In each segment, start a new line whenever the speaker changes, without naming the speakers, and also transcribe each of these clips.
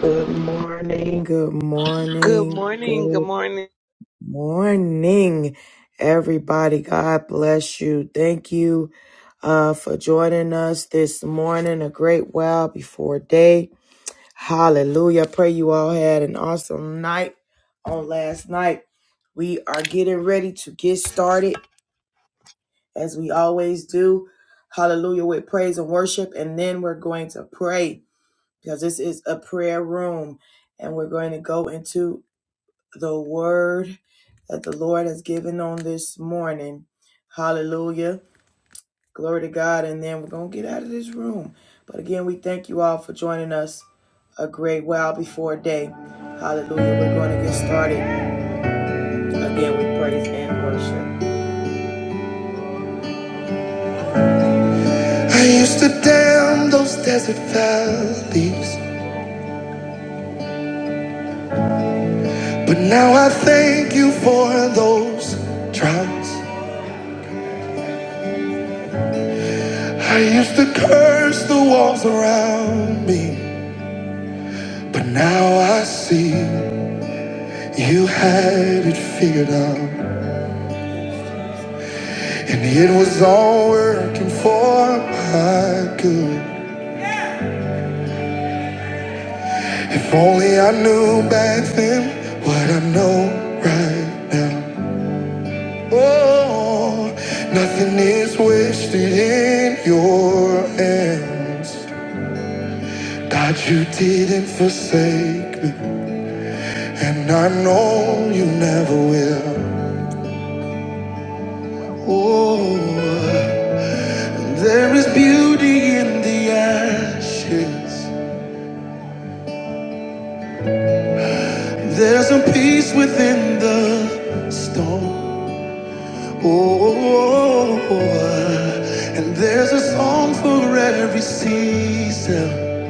Good morning, good
Good
morning,
morning. Good
good
morning.
morning, everybody. God bless you. Thank you uh, for joining us this morning, a great while before day. Hallelujah. I Pray you all had an awesome night on last night. We are getting ready to get started as we always do. Hallelujah with praise and worship. And then we're going to pray because this is a prayer room and we're going to go into the word that the Lord has given on this morning. Hallelujah. Glory to God. And then we're going to get out of this room. But again, we thank you all for joining us a great while before day. Hallelujah. We're going to get started again with praise and worship. I used to damn those desert valleys, but now I thank you for those trials. I used to curse the walls around me. But now I see you had it figured out, and it was all working for my good. If only I knew back then what I know right now. Oh, nothing is wasted in your hands. God, you didn't forsake me, and I know you never will. Oh. There is beauty in the ashes. There's a peace within the storm. Oh, and there's a song for every season.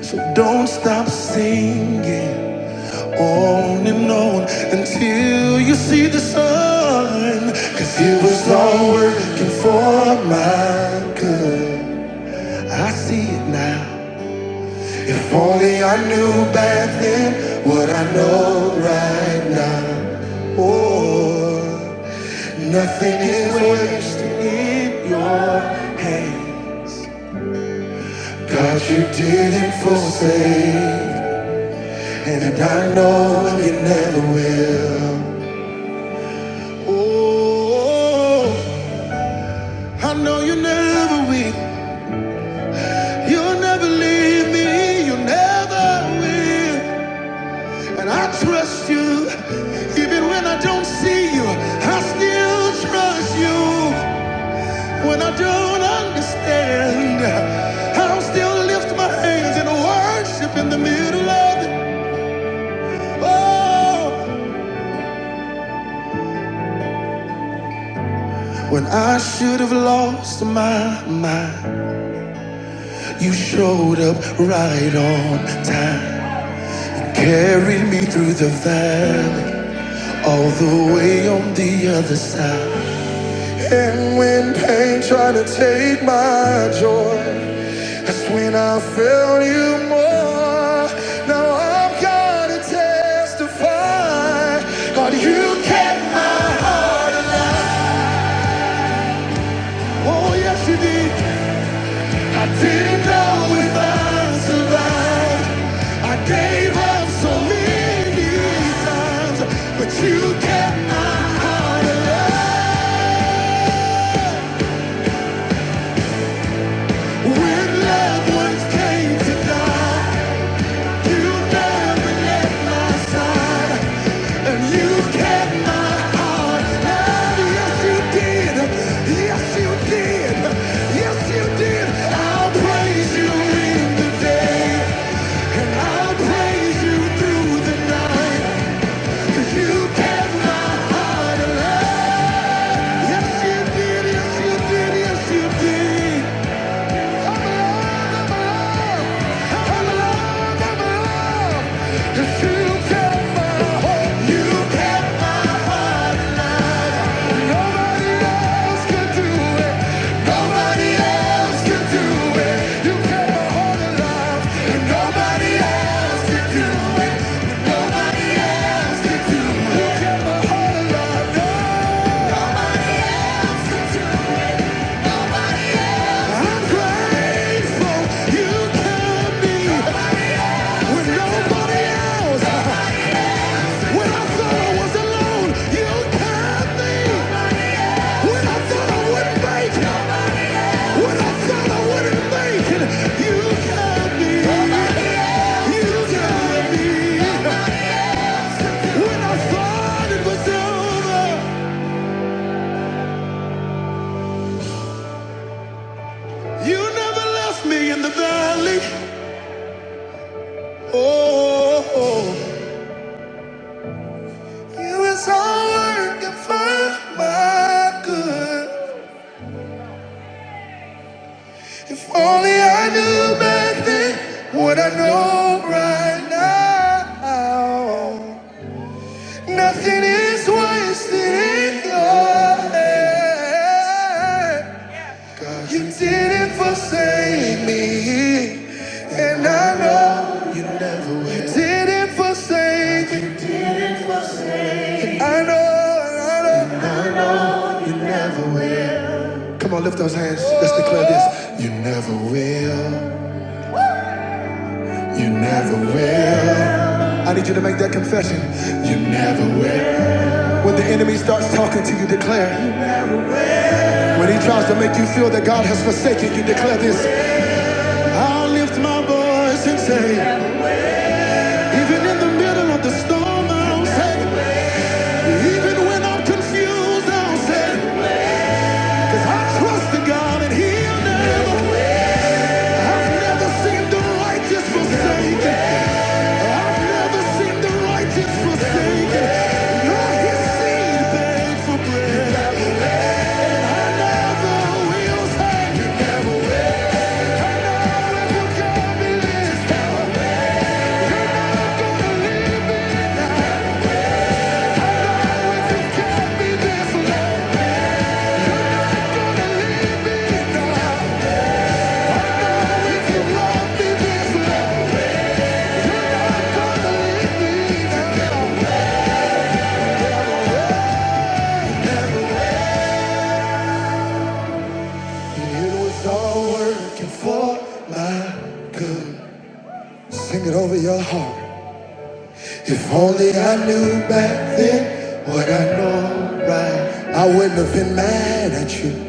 So don't stop singing on and on until you see the sun. 'Cause it was all working for my good. I see it now. If only I knew back then what I know right now. Oh, nothing is wasted in your hand. God, you didn't forsake, and I know you never will. Oh, I know you never will. You'll never leave me, you never will. And I trust you, even when I don't see you. I still trust you when I don't understand. I'll still lift my hands and worship in the middle of it. Oh, when I should have lost my mind, you showed up right on time. Carried me through the valley, all the way on the other side. And when pain tried to take my joy, that's when I felt you more. Now I'm gonna testify. God, you kept my heart alive. Oh, yes, you did. I didn't know if I'd survive. I gave up so many times, but you kept my heart alive. When loved ones came to die, you never left my side. And you kept my heart. And yes, you did. Yes, you did. Yes, you did. I'll praise you in the day. And I'll praise you through the night. 'Cause you kept my heart alive. Yes, you did. Yes, you did. Yes, you did. I'm grateful you kept me. When nobody else, when I thought I was alone, you turned me. When I thought I wouldn't when I thought I wouldn't make it, you turned me. You turned me. When I thought it was over, you never left me in the valley. Oh, oh. you is all I can find my good. If only I knew back then what I know right now. Nothing is wasted in your hand. You didn't forsake me, and I know you never will. You didn't forsake me. I know, I know, I know you never will. Come on, lift those hands. Let's declare this. You never will. You never will. I need you to make that confession. You never will. When the enemy starts talking to you, declare. When he tries to make you feel that God has forsaken you, declare this. I'll lift my voice and say, even in the middle of the storm, I'll say, even when I'm confused, I'll say, because I trust in God and he'll never. I've never seen the righteous forsaken. I've never seen the righteous forsaken. Nor his seed beg for bread. It was all working for my good. Sing it over your heart. If only I knew back then what I know right, I wouldn't have been mad at you.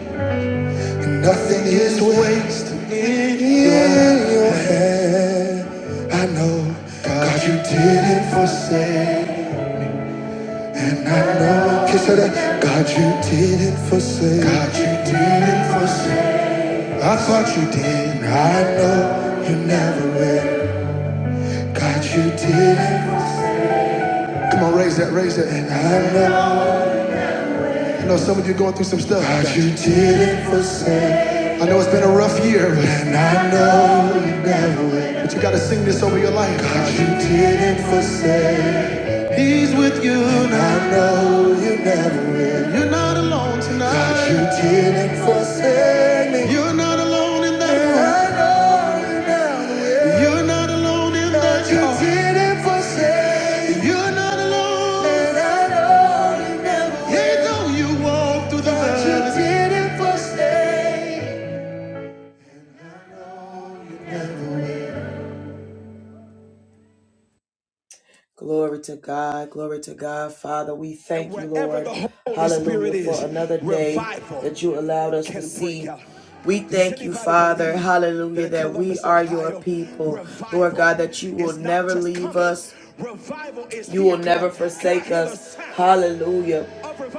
And Nothing is wasted in your hand. I know, God, you didn't forsake. And I know, kiss her that. God, you didn't forsake. God, you didn't forsake. I thought you did. I know you never will. God, you didn't. Come on, raise that, raise that. And I know. I know some of you are going through some stuff. God, you didn't forsake, I know it's been a rough year, but and I know you never will. but you got to sing this over your life. God, you didn't forsake, He's with you and now. I know you never will. You're not alone tonight. God, you didn't forsake me, You're not alone in that and that I know you never will. You're not alone in But that you didn't forsake Yea, Glory to God, glory to God, Father. We thank you, Lord. Hallelujah for another day that you allowed us to see. We thank you, Father. Hallelujah, that we are your people. Lord God, that you will never leave us. You will never forsake us. Hallelujah.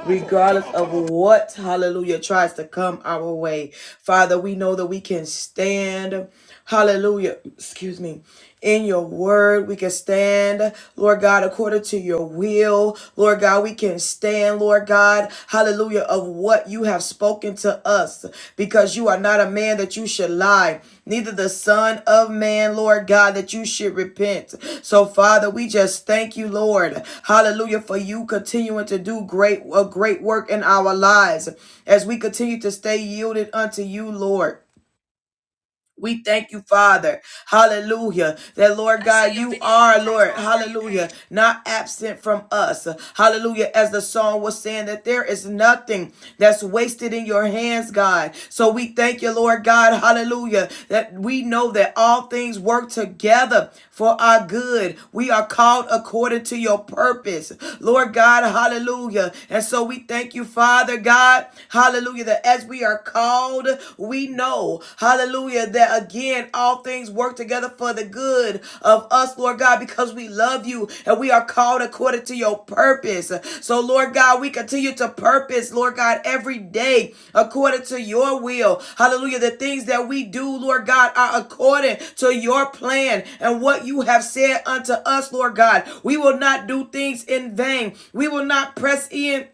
Regardless of what, hallelujah, tries to come our way. Father, we know that we can stand, hallelujah, excuse me, in your word. We can stand, Lord God, according to your will. Lord God, we can stand, Lord God, hallelujah hallelujah, of what you have spoken to us, because you are not a man that you should lie, neither the Son of Man, Lord God, that you should repent. So, Father, we just thank you, Lord, hallelujah, for you continuing to do great, a great work in our lives as we continue to stay yielded unto you, Lord. We thank you, Father. Hallelujah. That Lord God, you are, Lord. Hallelujah. Not absent from us. Hallelujah. As the song was saying, that there is nothing that's wasted in your hands, God. So we thank you, Lord God. Hallelujah. That we know that all things work together for our good. We are called according to your purpose, Lord God. Hallelujah. And so we thank you, Father God. Hallelujah. That as we are called, we know, hallelujah, that again, all things work together for the good of us, Lord God, because we love you and we are called called according to your purpose. So, Lord God, we continue to purpose, Lord God, every day according to your will. Hallelujah. The things that we do, Lord God, are according to your plan and what you have said unto us, Lord God. We will not do things in vain. We will not press in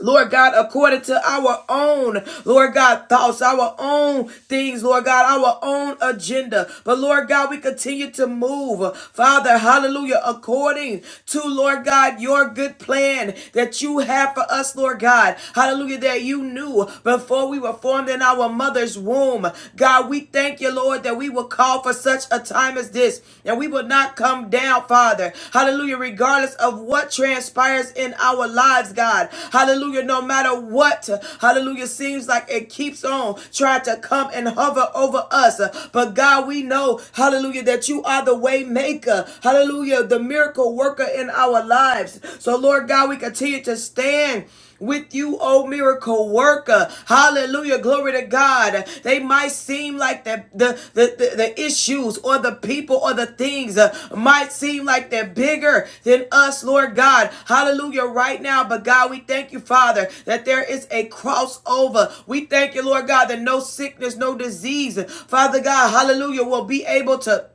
Lord God, according to our own, Lord God, thoughts, our own things, Lord God, our own agenda. But Lord God, we continue to move, Father, hallelujah, according to, Lord God, your good plan that you have for us, Lord God, hallelujah, that you knew before we were formed in our mother's womb. God, we thank you, Lord, that we will call for such a time such time as this. And we will not come down, Father. Hallelujah. Regardless of what transpires in our lives, God. Hallelujah. No matter what, hallelujah, seems like it keeps on trying to come and hover over us. But God, we know, hallelujah, that you are the way maker. Hallelujah. The miracle worker in our lives. So, Lord God, we continue to stand with you, oh miracle worker. Hallelujah. Glory to God. They might seem like the the the, the, the issues or the people or the things uh, might seem like they're bigger than us, Lord God. Hallelujah. Right now, but God, we thank you, Father, that there is a crossover. We thank you, Lord God, that no sickness, no disease, Father God, hallelujah, will be able to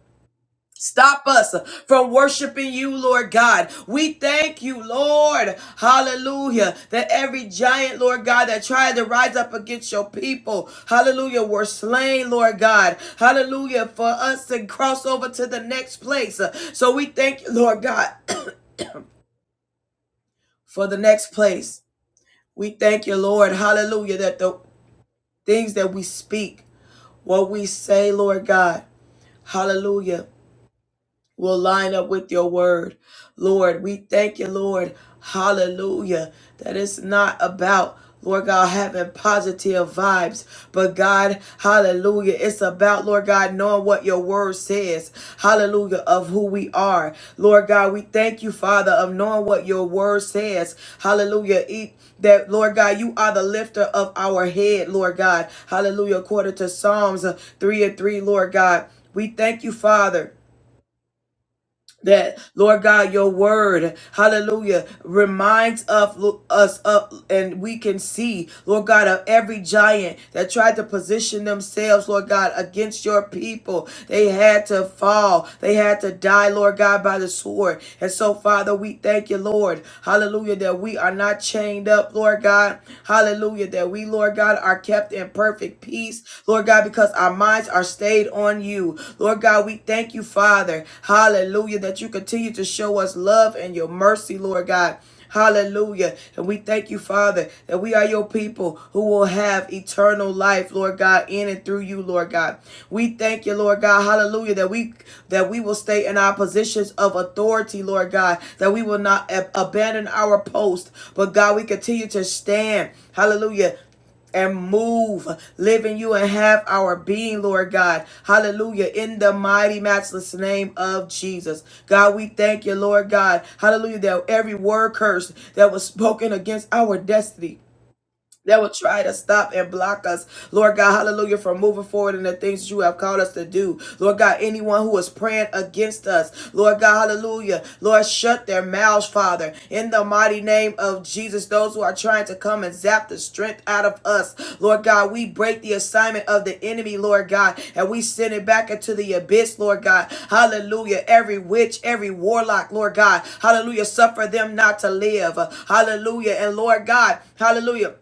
Stop us from worshiping you, Lord God. We thank you, Lord. Hallelujah. That every giant, Lord God, that tried to rise up against your people, hallelujah, were slain, Lord God. Hallelujah. For us to cross over to the next place. So we thank you, Lord God, for the next place. We thank you, Lord. Hallelujah. That the things that we speak, what we say, Lord God, hallelujah. will line up with your word. Lord, we thank you, Lord. Hallelujah. That it's not about, Lord God, having positive vibes, but God, hallelujah, it's about, Lord God, knowing what your word says. Hallelujah, of who we are. Lord God, we thank you, Father, of knowing what your word says. Hallelujah. E- That, Lord God, you are the lifter of our head, Lord God. Hallelujah. According to Psalms uh, 3 and 3, Lord God. We thank you, Father that Lord God, your word, hallelujah, reminds of us up and we can see, Lord God, of every giant that tried to position themselves, Lord God, against your people. They had to fall. They had to die, Lord God, by the sword. And so, Father, we thank you, Lord, hallelujah, that we are not chained up, Lord God, hallelujah, that we, Lord God, are kept in perfect peace, Lord God, because our minds are stayed on you. Lord God, we thank you, Father. Hallelujah, that you continue to show us love and your mercy, Lord God. Hallelujah. And we thank you, Father, that we are your people who will have eternal life, Lord God, in and through you, Lord God. We thank you, Lord God. Hallelujah. That we that we will stay in our positions of authority, Lord God. That we will not ab- abandon our post. But God, we continue to stand. Hallelujah and move, live in you and have our being, Lord God. Hallelujah. In the mighty, matchless name of Jesus. God, we thank you, Lord God. Hallelujah. That every word curse that was spoken against our destiny that will try to stop and block us, Lord God, hallelujah, from moving forward in the things you have called us to do. Lord God, anyone who is praying against us, Lord God, hallelujah, Lord, shut their mouths, Father, in the mighty name of Jesus. Those who are trying to come and zap the strength out of us, Lord God, we break the assignment of the enemy, Lord God, and we send it back into the abyss, Lord God, hallelujah. Every witch, every warlock, Lord God, hallelujah, suffer them not to live, hallelujah. And Lord God, hallelujah.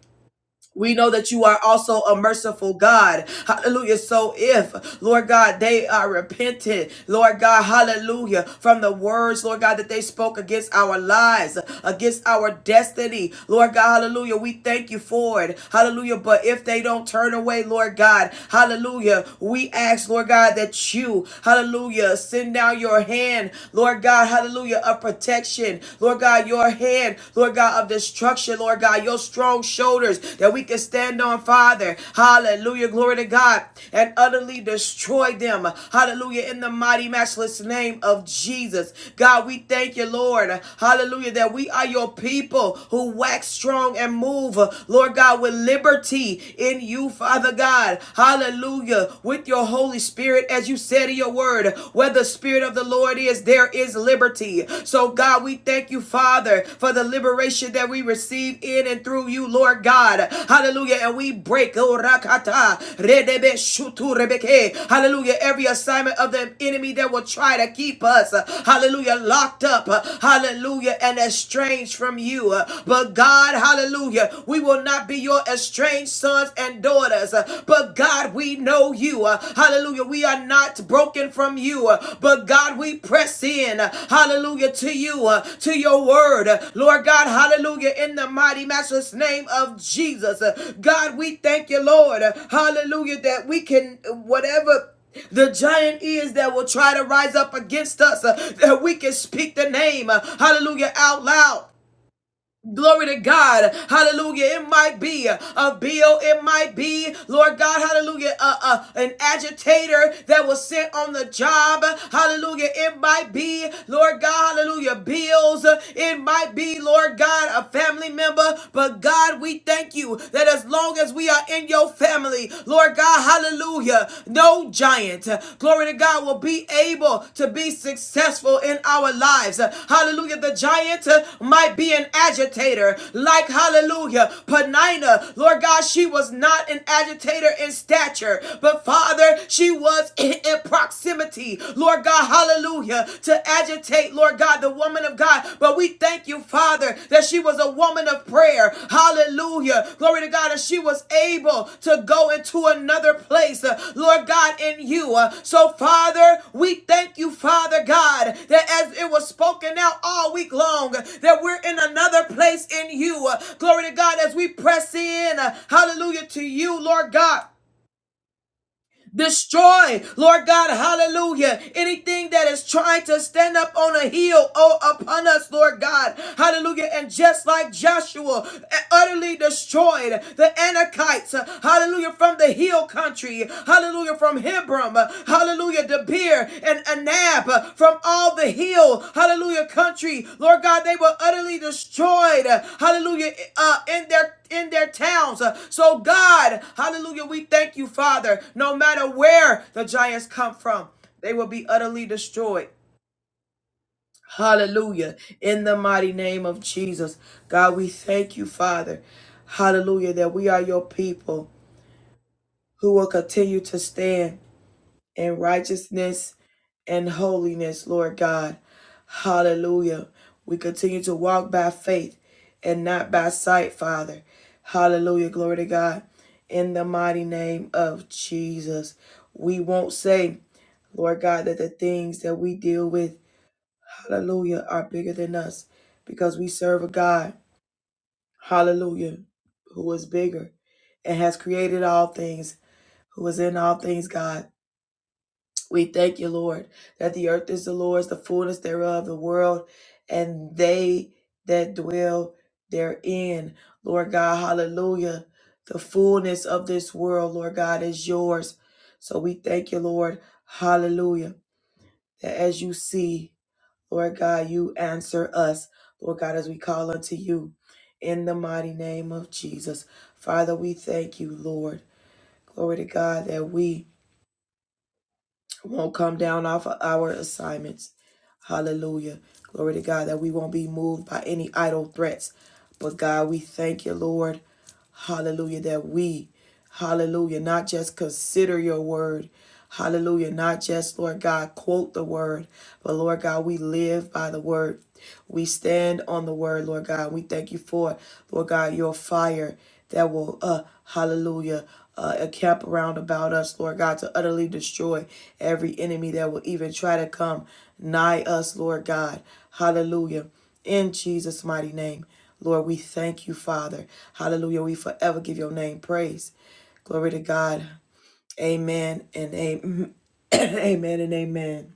We know that you are also a merciful God. Hallelujah. So if, Lord God, they are repentant, Lord God, hallelujah, from the words, Lord God, that they spoke against our lives, against our destiny, Lord God, hallelujah, we thank you for it. Hallelujah. But if they don't turn away, Lord God, hallelujah, we ask, Lord God, that you, hallelujah, send down your hand, Lord God, hallelujah, of protection, Lord God, your hand, Lord God, of destruction, Lord God, your strong shoulders that we can stand on, Father. Hallelujah. Glory to God. And utterly destroy them. Hallelujah. In the mighty, matchless name of Jesus. God, we thank you, Lord. Hallelujah. That we are your people who wax strong and move, Lord God, with liberty in you, Father God. Hallelujah. With your Holy Spirit, as you said in your your word. Where the Spirit of the Lord is, there is liberty. So, God, we thank you, Father, for the liberation that we receive in and through you, Lord God. Hallelujah. And we break, oh, hallelujah, every assignment of the enemy that will try to keep us, hallelujah, locked up, hallelujah, and estranged from you. But, God, hallelujah, we will not be your estranged sons sons and daughters. Uh, But God, we know you. Uh, Hallelujah. We are not broken from you. Uh, But God, we press in. Uh, Hallelujah to you, uh, to your word. Uh, Lord God, hallelujah. In the mighty master's name of Jesus. Uh, God, we thank you, Lord. Uh, Hallelujah. That we can, whatever the giant is that will try to rise up against us, uh, that we can speak the name, uh, hallelujah, out loud. Glory to God. Hallelujah. It might be a bill. It might be, Lord God, hallelujah, uh, uh, an agitator that was sent on the job. Hallelujah. It might be, Lord God, hallelujah, bills. It might be, Lord God, a family member. But God, we thank you that as long as we are in your family, Lord God, hallelujah, no giant, glory to God, will be able to be successful in our lives. Hallelujah. The giant uh, might be an agitator, like, hallelujah, Penina. Lord God, she was not an agitator in stature, but Father, she was in, in proximity. Lord God, hallelujah, to agitate, Lord God, the woman of God. But we we thank you, Father, that she was a woman of prayer. Hallelujah. Glory to God, that she was able to go into another place, uh, Lord God, in you. Uh, So, Father, we thank you, Father God, that as it was spoken out all week long, that we're in another place in you. Uh, Glory to God, as we press in, uh, hallelujah, to you, Lord God. Destroy, Lord God, hallelujah. Anything that is trying to stand up on a hill, oh, upon us, Lord God, hallelujah. And just like Joshua uh, utterly destroyed the Anakites, uh, hallelujah, from the hill country, hallelujah, from Hebron, uh, hallelujah, Debir and Anab, uh, from all the hill, hallelujah, country, Lord God, they were utterly destroyed, uh, hallelujah, uh, in their in their towns. Uh, So, God, hallelujah, we thank you, Father. No matter where the giants come from, they will be utterly destroyed. Hallelujah. In the mighty name of Jesus. God, we thank you, Father. Hallelujah, that we are your people who will continue to stand and righteousness and holiness, Lord God. Hallelujah. We continue to walk by faith and not by sight, Father. Hallelujah. Glory to God. In the mighty name of Jesus. We won't say, Lord God, that the things that we deal with, hallelujah, are bigger than us because we serve a God, hallelujah, who is bigger and has created all things, who is in all things, God. We thank you, Lord, that the earth is the Lord's, the fullness thereof, the world, and they that dwell therein. Lord God, hallelujah. The fullness of this world, Lord God, is yours. So we thank you, Lord, hallelujah, that as you see, Lord God, you answer us, Lord God, as we call unto you in the mighty name of Jesus. Father, we thank you, Lord. Glory to God that we won't come down off of our assignments. Hallelujah. Glory to God that we won't be moved by any idle threats. But God, we thank you, Lord. Hallelujah. That we, hallelujah, not just consider your word. Hallelujah. Not just, Lord God, quote the word, but Lord God, we live by the word. We stand on the word, Lord God. We thank you for, Lord God, your fire that will, uh, hallelujah, uh, encamp around about us, Lord God, to utterly destroy every enemy that will even try to come nigh us, Lord God. Hallelujah. In Jesus' mighty name, Lord, we thank you, Father. Hallelujah. We forever give your name praise. Glory to God. Amen and amen. amen and amen.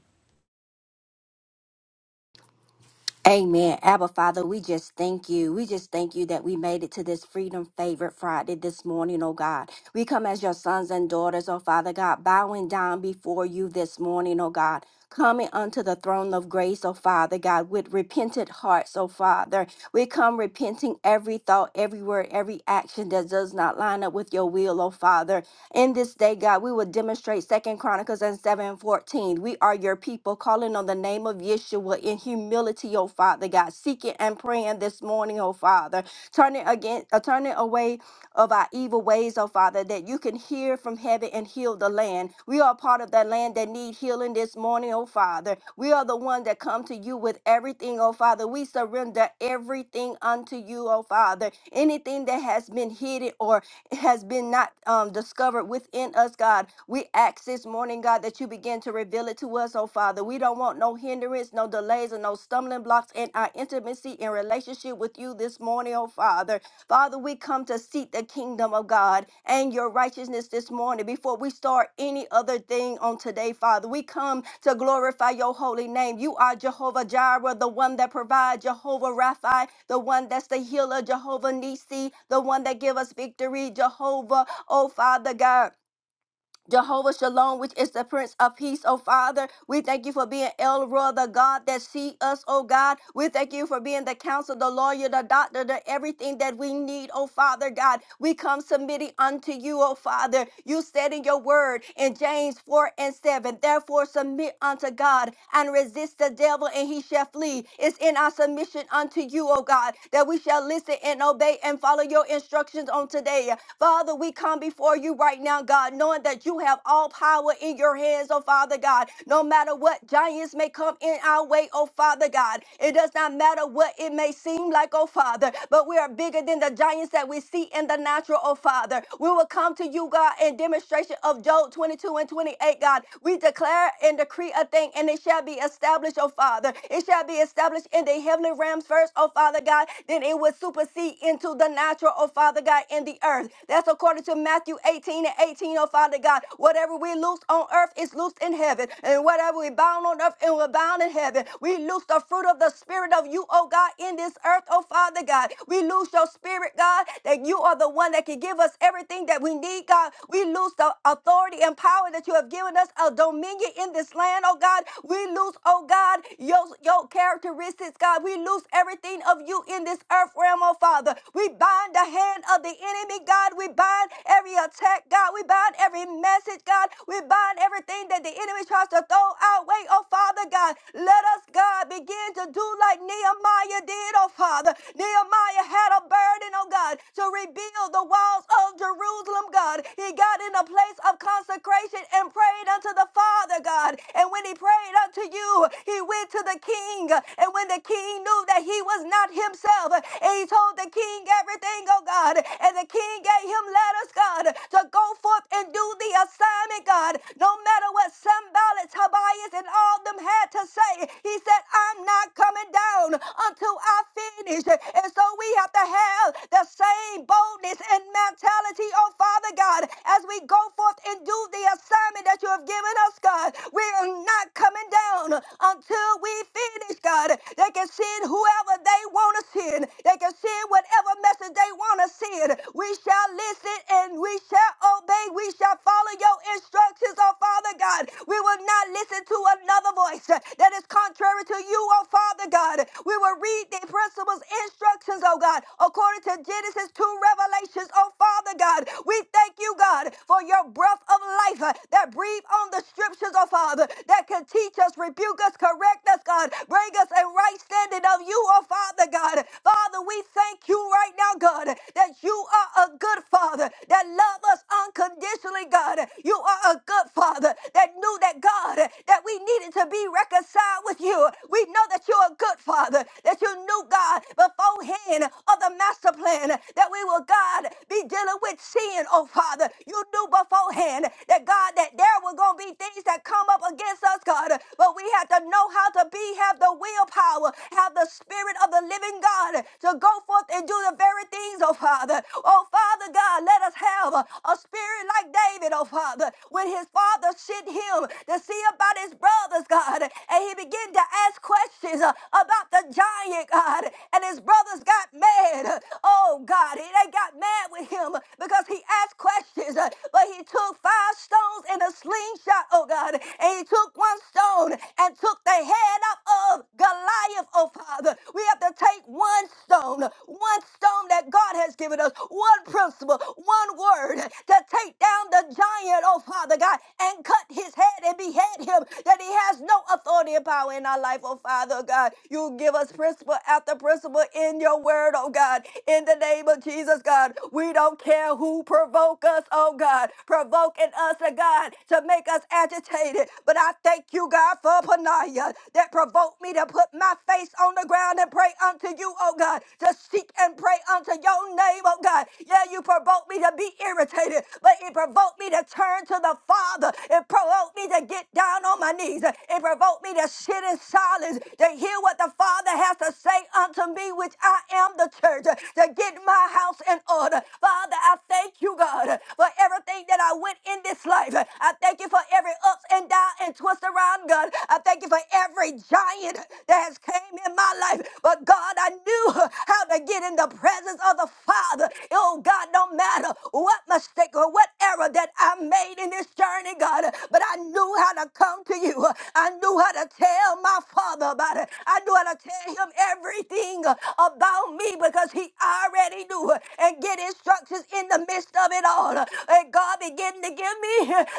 Amen. Abba Father, we just thank you. We just thank you that we made it to this Freedom Favorite Friday this morning, oh God. We come as your sons and daughters, oh Father God, bowing down before you this morning, oh God. Coming unto the throne of grace, oh Father God, with repentant hearts, oh Father. We come repenting every thought, every word, every action that does not line up with your will, oh Father in this day, God, we will demonstrate Second Chronicles and 7 14. We are your people calling on the name of Yeshua in humility, oh Father God, seeking and praying this morning, oh Father, turning again, uh, turning away of our evil ways, oh Father, that you can hear from heaven and heal the land. We are part of that land that need healing this morning, oh Father. We are the one that come to you with everything, oh Father. We surrender everything unto you, oh Father. Anything that has been hidden or has been not um, discovered within us, God, we ask this morning, God, that you begin to reveal it to us, oh Father. We don't want no hindrance, no delays, and no stumbling blocks in our intimacy and relationship with you this morning, oh Father. Father, we come to seek the kingdom of God and your righteousness this morning before we start any other thing on today, Father. We come to glorify your holy name. You are Jehovah Jireh, the one that provides, Jehovah Rapha, the one that's the healer, Jehovah Nisi, the one that give us victory, Jehovah, oh Father God. Jehovah Shalom, which is the Prince of Peace, oh Father. We thank you for being El Roi, the God that see us, oh God. We thank you for being the Counselor, the lawyer, the doctor, the everything that we need, oh Father God. We come submitting unto you, oh Father. You said in your word in James 4 and 7, therefore submit unto God and resist the devil, and he shall flee. It's in our submission unto you, oh God, that we shall listen and obey and follow your instructions on today. Father, we come before you right now, God, knowing that you have all power in your hands, oh Father God. No matter what giants may come in our way, oh Father God, it does not matter what it may seem like, oh Father, but we are bigger than the giants that we see in the natural, oh Father. We will come to you, God, in demonstration of Job 22 and 28, God. We declare and decree a thing, and it shall be established, oh Father. It shall be established in the heavenly realms first, oh Father God. Then it will supersede into the natural, oh Father God, in the earth the earth. That's according to Matthew 18 and 18, oh Father God. Whatever we loose on earth is loosed in heaven, and whatever we bound on earth and we're bound in heaven. We loose the fruit of the Spirit of you, oh God, in this earth, oh Father God. We loose your Spirit, God, that you are the one that can give us everything that we need, God. We loose the authority and power that you have given us, a dominion in this land, oh God. We loose, oh God, your, your characteristics, God. We loose everything of you in this earth realm, oh Father. We bind the hand of the the enemy, God. We bind every attack, God. We bind every message, God. We bind everything that the enemy tries to throw our way, oh Father God. Let us, God, begin to do like Nehemiah did, oh Father. Nehemiah had a burden, oh God, to rebuild the walls of Jerusalem, God. He got in a place of consecration and prayed unto the Father, God. And when he prayed unto you, he went to the king. And when the king knew that he was not himself, and he told the king everything, oh God. God. And the king gave him letters, God, to go forth and do the assignment, God. No matter what Sambalit, Tobias, and all them had to say, he said, I'm not coming down until I finish. And so we have to have the same boldness and mentality, oh Father God, as we go forth and do the assignment that you have given us, God. We are not coming down until we finish, God. They can send whoever they want to send. They can send whatever message they they want to see it. We shall listen and we shall obey. We shall follow your instructions, oh Father God. We will not listen to another voice that is contrary to you, oh Father God. We will read the principles, instructions, oh God, according to Genesis 2 Revelations, oh Father God. We thank you, God, for your breath of life uh, that breathe on the scriptures, oh Father, that can teach us, rebuke us, correct us, God, bring us a right standing of you, oh Father God. Father, we thank you right right now, God, that you are a good father that loves us unconditionally, God. You are a good father that knew that, God, that we needed to be reconciled with you. We know that you're a good father, that you knew, God, beforehand of the master plan that we will, God, be dealing with sin, oh Father. You knew beforehand that, God, that there were going to be things that come up against us, God, but we have to know how to be, have the willpower, have the spirit of the living God to go forth and and do the very things, oh Father. Oh Father God, let us have a, a spirit like David, oh Father, when his father sent him to see about his brothers, God, and he began to ask questions uh, about the giant, God, and his brothers got mad. Oh God, they got mad with him because he asked questions, uh, but he took five stones and a slingshot, oh God, and he took one stone and took the head off of Goliath, oh Father. We have to take one stone one stone that God has given us, one principle, one word to take down the giant, oh Father God, and cut his head and behead him, that he has no authority and power in our life, oh Father God. You give us principle after principle in your word, oh God. In the name of Jesus, God, we don't care who provoke us, oh God, provoking us, oh God, to make us agitated. But I thank you, God, for Panaya that provoked me to put my face on the ground and pray unto you, oh God. God, to seek and pray unto your name, oh God. Yeah, you provoked me to be irritated, but it provoked me to turn to the Father. It provoked me to get down on my knees. It provoked me to sit in silence, to hear what the Father has to say unto me, which I am the church, to get my house in order. Father, I thank you, God, for everything that I went in this life. I thank you for every ups and down and twist around, God. I thank you for every giant that has came in my life. But God, I knew how to get in the presence of the Father. Oh God, no matter what mistake or what error that I made in this journey, God, but I knew how to come to you. I knew how to tell my Father about it. I knew how to tell him everything about me because he already knew and get instructions in the midst of it all. And God begin to give me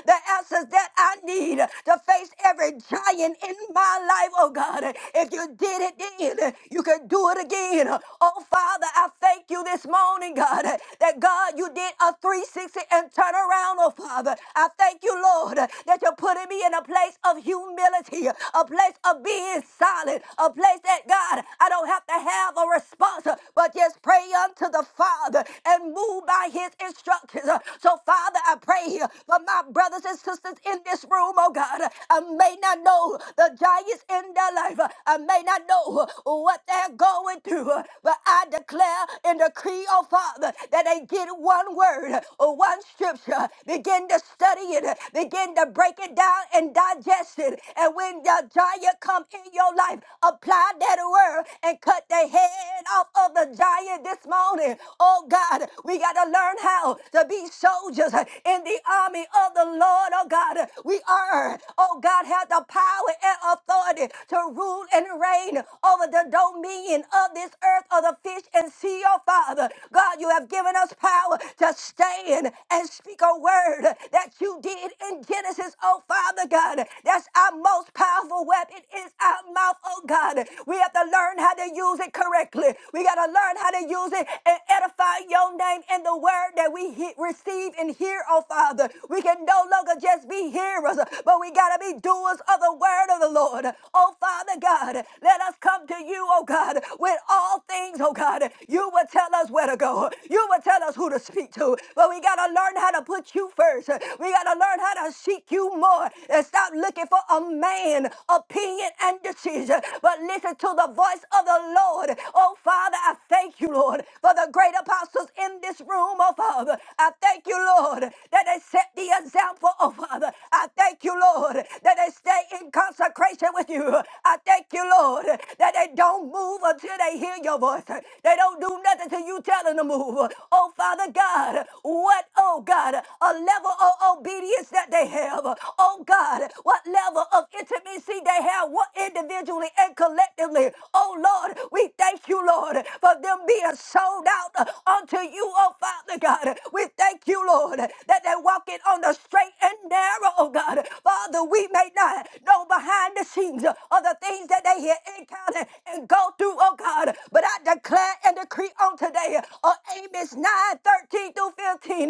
the answers that I need to face every giant in my life, oh God. If you did it then, you can do do it again. Oh, Father, I thank you this morning, God, that God, you did a 360 and turn around, oh, Father. I thank you, Lord, that you're putting me in a place of humility, a place of being silent, a place that, God, I don't have to have a response, but just pray unto the Father and move by his instructions. So, Father, I pray for my brothers and sisters in this room, oh, God. I may not know the giants in their life. I may not know what what they're going through. But I declare and decree, oh Father, that they get one word or one scripture, uh, begin to study it, uh, begin to break it down and digest it. And when the giant come in your life, apply that word and cut the head off of the giant this morning. Oh God, we got to learn how to be soldiers uh, in the army of the Lord. Oh God, we are. Oh God, have the power and authority to rule and reign over the the dominion of this earth of the fish and sea, oh Father. God, you have given us power to stand and speak a word that you did in Genesis, oh Father God. That's our most powerful weapon is our mouth, oh God. We have to learn how to use it correctly. We got to learn how to use it and edify your name and the word that we he- receive and hear, oh Father. We can no longer just be hearers, but we got to be doers of the word of the Lord. Oh Father God, let us come to you, oh God, with all things, oh God. You will tell us where to go. You will tell us who to speak to. But we got to learn how to put you first. We got to learn how to seek you more and stop looking for a man, opinion, and decision. But listen to the voice of the Lord. Oh, Father, I thank you, Lord, for the great apostles in this room, oh, Father. I thank you, Lord, that they set the example, oh, Father. I thank you, Lord, that they stay in consecration with you. I thank you, Lord. Lord, that they don't move until they hear your voice. They don't do nothing till you tell them to move. Oh, Father God, what, oh God, a level of obedience that they have. Oh God, what level of intimacy they have, what individually and collectively. Oh Lord, we thank you, Lord, for them being sold out unto you, oh Father God. We thank you, Lord, that they're walking on the straight and narrow, oh God. Father, we may not know behind the scenes of the things that that they here encounter and go through, oh God. But I declare and decree on today, on Amos 9 13 through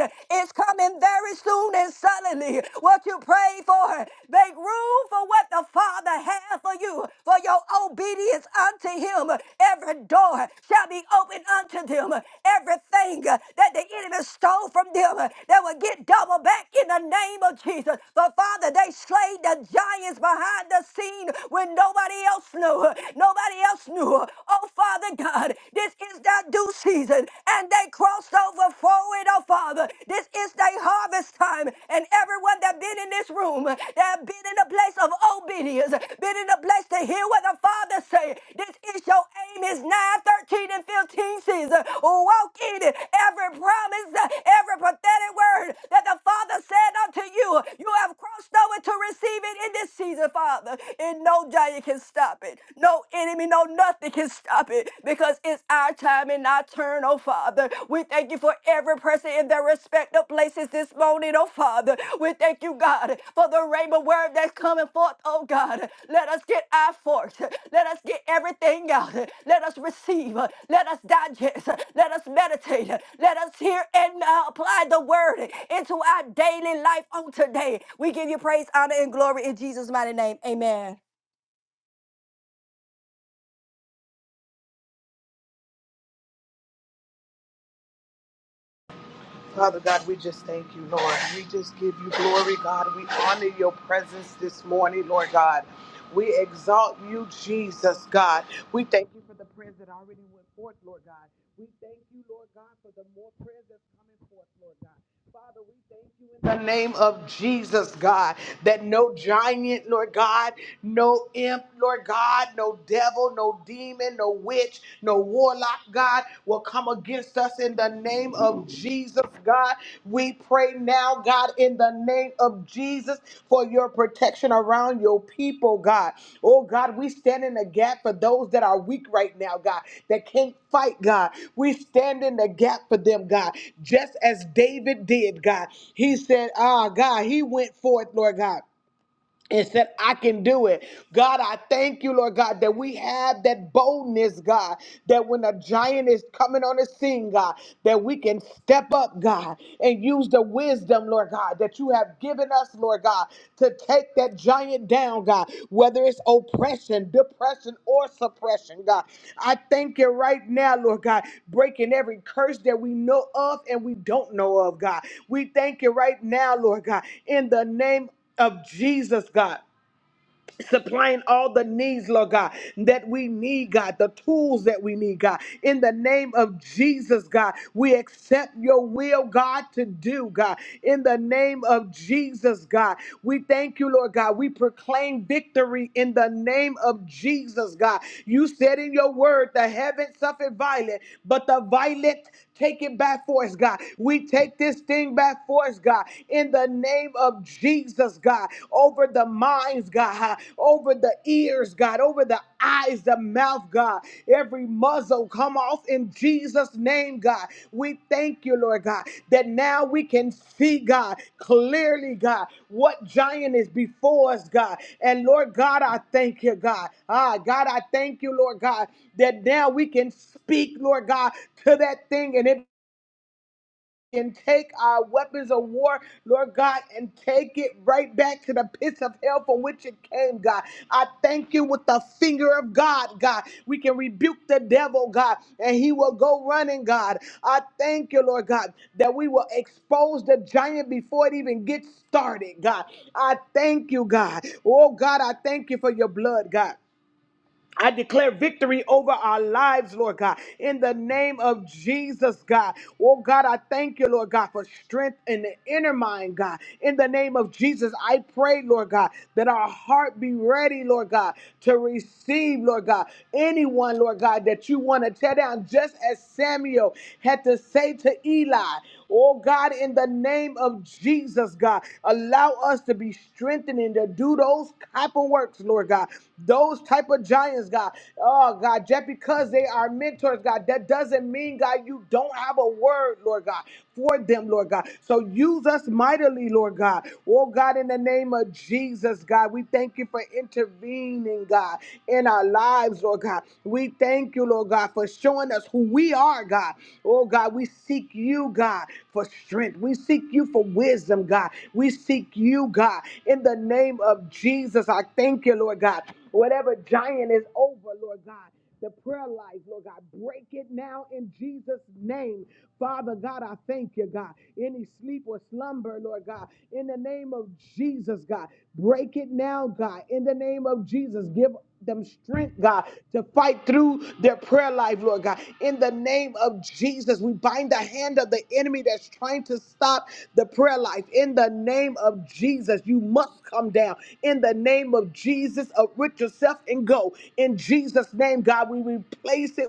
15, it's coming very soon and suddenly. What you pray for, make room for what the Father has for you, for your obedience unto Him. Every door shall be opened unto them, everything that the enemy stole from them, they will get double back in the name of Jesus. But Father, they slayed the giants behind the scene when nobody Nobody else knew. Nobody else knew. Oh, Father God, this is that due season. And they crossed over forward, oh, Father. This is their harvest time. And everyone that been in this room, that have been in a place of obedience, been in a place to hear what the Father say. This is your aim is 9, 13, and 15 season. Walk in it. Every promise, every prophetic word that the Father said unto you, you have crossed over to receive it in this season, Father. In no no giant can stop it. No enemy, no nothing can stop it because it's our time and our turn, oh Father. We thank you for every person in their respective places this morning, oh Father. We thank you, God, for the rainbow word that's coming forth, oh God. Let us get our forks. Let us get everything out. Let us receive. Let us digest. Let us meditate. Let us hear and uh, apply the word into our daily life on today. We give you praise, honor, and glory in Jesus' mighty name. Amen.
Father God, we just thank you, Lord. We just give you glory, God. We honor your presence this morning, Lord God. We exalt you, Jesus, God. We thank you for the prayers that already went forth, Lord God. We thank you, Lord God, for the more prayers that's coming forth, Lord God. Father, we thank you in the name of Jesus, God, that no giant, Lord God. no imp, Lord God, no devil, no demon, no witch, no warlock, God, will come against us in the name of Jesus, God. We pray now, God, in the name of Jesus for your protection around your people, God. Oh, God, we stand in the gap for those that are weak right now, God, that can't fight, God. We stand in the gap for them, God, just as David did, God. He said, Ah, God, he went forth, Lord God and said, I can do it. God, I thank you, Lord God, that we have that boldness, God, that when a giant is coming on the scene, God, that we can step up, God, and use the wisdom, Lord God, that you have given us, Lord God, to take that giant down, God, whether it's oppression, depression, or suppression, God. I thank you right now, Lord God, breaking every curse that we know of and we don't know of, God. We thank you right now, Lord God, in the name of Jesus, God. Supplying all the needs, Lord God, that we need, God, the tools that we need, God. In the name of Jesus, God, we accept your will, God, to do, God. In the name of Jesus, God, we thank you, Lord God. We proclaim victory in the name of Jesus, God. You said in your word, the heavens suffered violent, but the violent Take it by force, God. We take this thing by force, God, in the name of Jesus, God, over the minds, God, over the ears, God, over the eyes, the mouth, God. Every muzzle come off in Jesus' name, God. We thank you, Lord God, that now we can see, God, clearly, God, what giant is before us, God. And Lord God, I thank you, God. Ah, God, I thank you, Lord God, that now we can speak, Lord God, to that thing and it and take our weapons of war, Lord God, and take it right back to the pits of hell from which it came, God. I thank you with the finger of God, God. We can rebuke the devil, God, and he will go running, God. I thank you, Lord God, that we will expose the giant before it even gets started, God. I thank you, God. Oh, God, I thank you for your blood, God. I declare victory over our lives, Lord God, in the name of Jesus, God. Oh, God, I thank you, Lord God, for strength in the inner mind, God. In the name of Jesus, I pray, Lord God, that our heart be ready, Lord God, to receive, Lord God, anyone, Lord God, that you want to tear down, just as Samuel had to say to Eli. Oh God, in the name of Jesus, God, allow us to be strengthened and to do those type of works, Lord God. Those type of giants, God. Oh God, just because they are mentors, God, that doesn't mean, God, you don't have a word, Lord God, for them, Lord God. So use us mightily, Lord God. Oh God, in the name of Jesus, God, we thank you for intervening intervening, God, in our lives, Lord God. We thank you, Lord God, for showing us who we are, God. Oh, God, we seek you, God, for strength. We seek you for wisdom, God. We seek you, God, in the name of Jesus. I thank you, Lord God. Whatever giant is over, Lord God the prayer life, Lord God. Break it now in Jesus' name. Father God, I thank you, God. Any sleep or slumber, Lord God, in the name of Jesus, God. Break it now, God. In the name of Jesus, give them strength, God, to fight through their prayer life, Lord God. In the name of Jesus, we bind the hand of the enemy that's trying to stop the prayer life. In the name of Jesus, you must come down. In the name of Jesus, uproot yourself and go. In Jesus' name, God, we replace it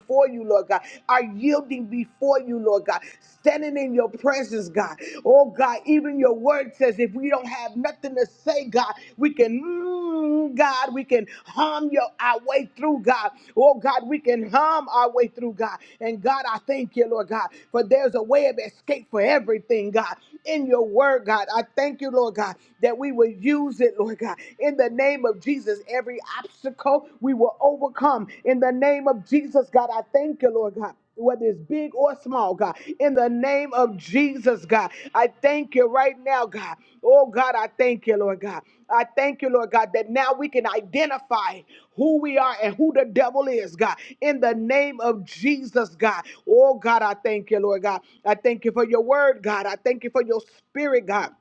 before you, Lord God, are yielding before you, Lord God, standing in your presence, God. Oh, God, even your word says if we don't have nothing to say, God, we can, mm, God, we can hum your, our way through, God. Oh, God, we can hum our way through, God. And God, I thank you, Lord God, for there's a way of escape for everything, God in your word, God. I thank you, Lord God, that we will use it, Lord God. In the name of Jesus, every obstacle we will overcome. In the name of Jesus, God, I thank you, Lord God. Whether it's big or small, God, in the name of Jesus, God, I thank you here right now, God. Oh, God, I thank you, Lord God. I thank you, Lord God, that now we can identify who we are and who the devil is, God. In the name of Jesus, God. Oh, God, I thank you, Lord God. I thank you for your word, God. I thank you for your spirit, God.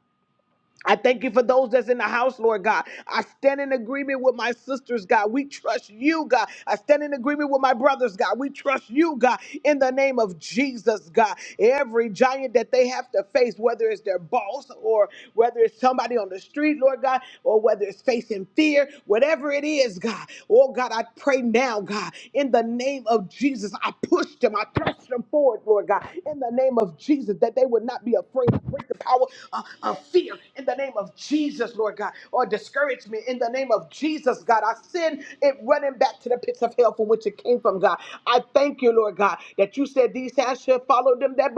I thank you for those that's in the house, Lord God. I stand in agreement with my sisters, God. We trust you, God. I stand in agreement with my brothers, God. We trust you, God, in the name of Jesus, God. Every giant that they have to face, whether it's their boss or whether it's somebody on the street, Lord God, or whether it's facing fear, whatever it is, God. Oh, God, I pray now, God, in the name of Jesus. I pushed them, I thrust them forward, Lord God, in the name of Jesus, that they would not be afraid. I break the power uh, of fear in the name of Jesus, Lord God, or discouragement in the name of Jesus, God. I send it running back to the pits of hell from which it came from, God. I thank you, Lord God, that you said these hands should follow them that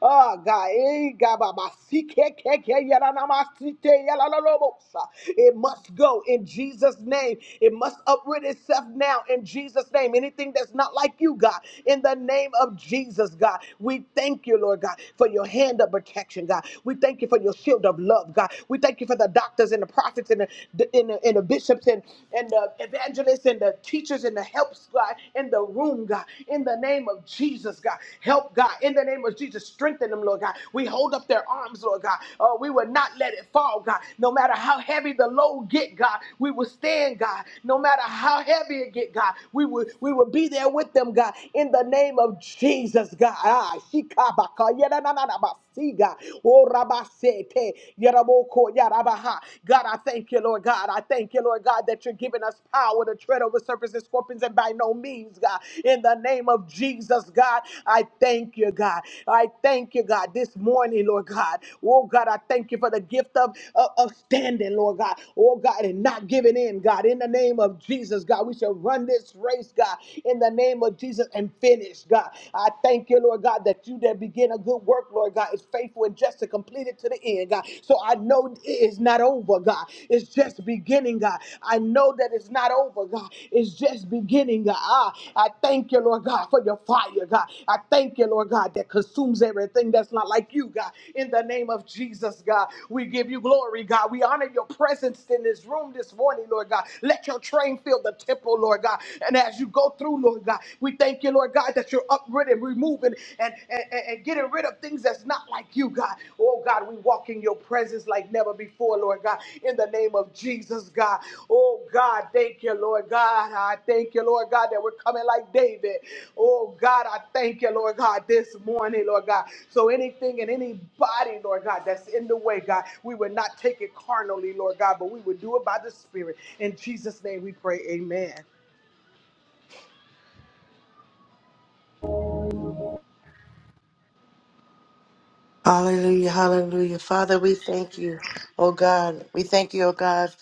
Ah, God, eh, Gababa, Sikekeke, Yaranamasite, Yalalalobosa. It must go in Jesus' name. It must uproot itself now in Jesus' name. Anything that's not like you, God, in the name of Jesus, God, we thank you, Lord God, for your hand of protection, God. We thank you for your shield of love, God. We thank you for the doctors and the prophets and the, the- and the, and the bishops and, and the evangelists and the teachers and the helps, God in the room, God, in the name of Jesus, God. Help, God, in the name of Jesus. Strengthen them, Lord God. We hold up their arms, Lord God. Uh, we will not let it fall, God. No matter how heavy the load get, God, we will stand, God. No matter how heavy it get, God, we will we will be there with them, God. In the name of Jesus, God. Ah, shikabaka, yada, na na na yadadadadaba, see, God. Oh, rabasete, yaraboko, yarabaha. God, I thank you, Lord. Lord God. I thank you, Lord God, that you're giving us power to tread over serpents and scorpions and by no means, God. In the name of Jesus, God, I thank you, God. I thank you, God, this morning, Lord God. Oh, God, I thank you for the gift of, of, of standing, Lord God. Oh, God, and not giving in, God. In the name of Jesus, God, we shall run this race, God, in the name of Jesus and finish, God. I thank you, Lord God, that you that begin a good work, Lord God, is faithful faithful and just to complete it to the end, God. So I know it is not over, God. It's just beginning, God. I know that it's not over, God. It's just beginning, God. Ah, I thank you, Lord God, for your fire, God. I thank you, Lord God, that consumes everything that's not like you, God. In the name of Jesus, God, we give you glory, God. We honor your presence in this room this morning, Lord God. Let your train fill the temple, Lord God. And as you go through, Lord God, we thank Thank you, Lord God, that you're uprooting, removing, and, and, and and getting rid of things that's not like you, God. Oh, God, we walk in your presence like never before, Lord God, in the name of Jesus, God. Oh, God, thank you, Lord God. I thank you, Lord God, that we're coming like David. Oh, God, I thank you, Lord God, this morning, Lord God. So anything and anybody, Lord God, that's in the way, God, we would not take it carnally, Lord God, but we would do it by the Spirit. In Jesus' name we pray, amen.
Hallelujah, hallelujah. Father, we thank you, oh God. We thank you, oh God,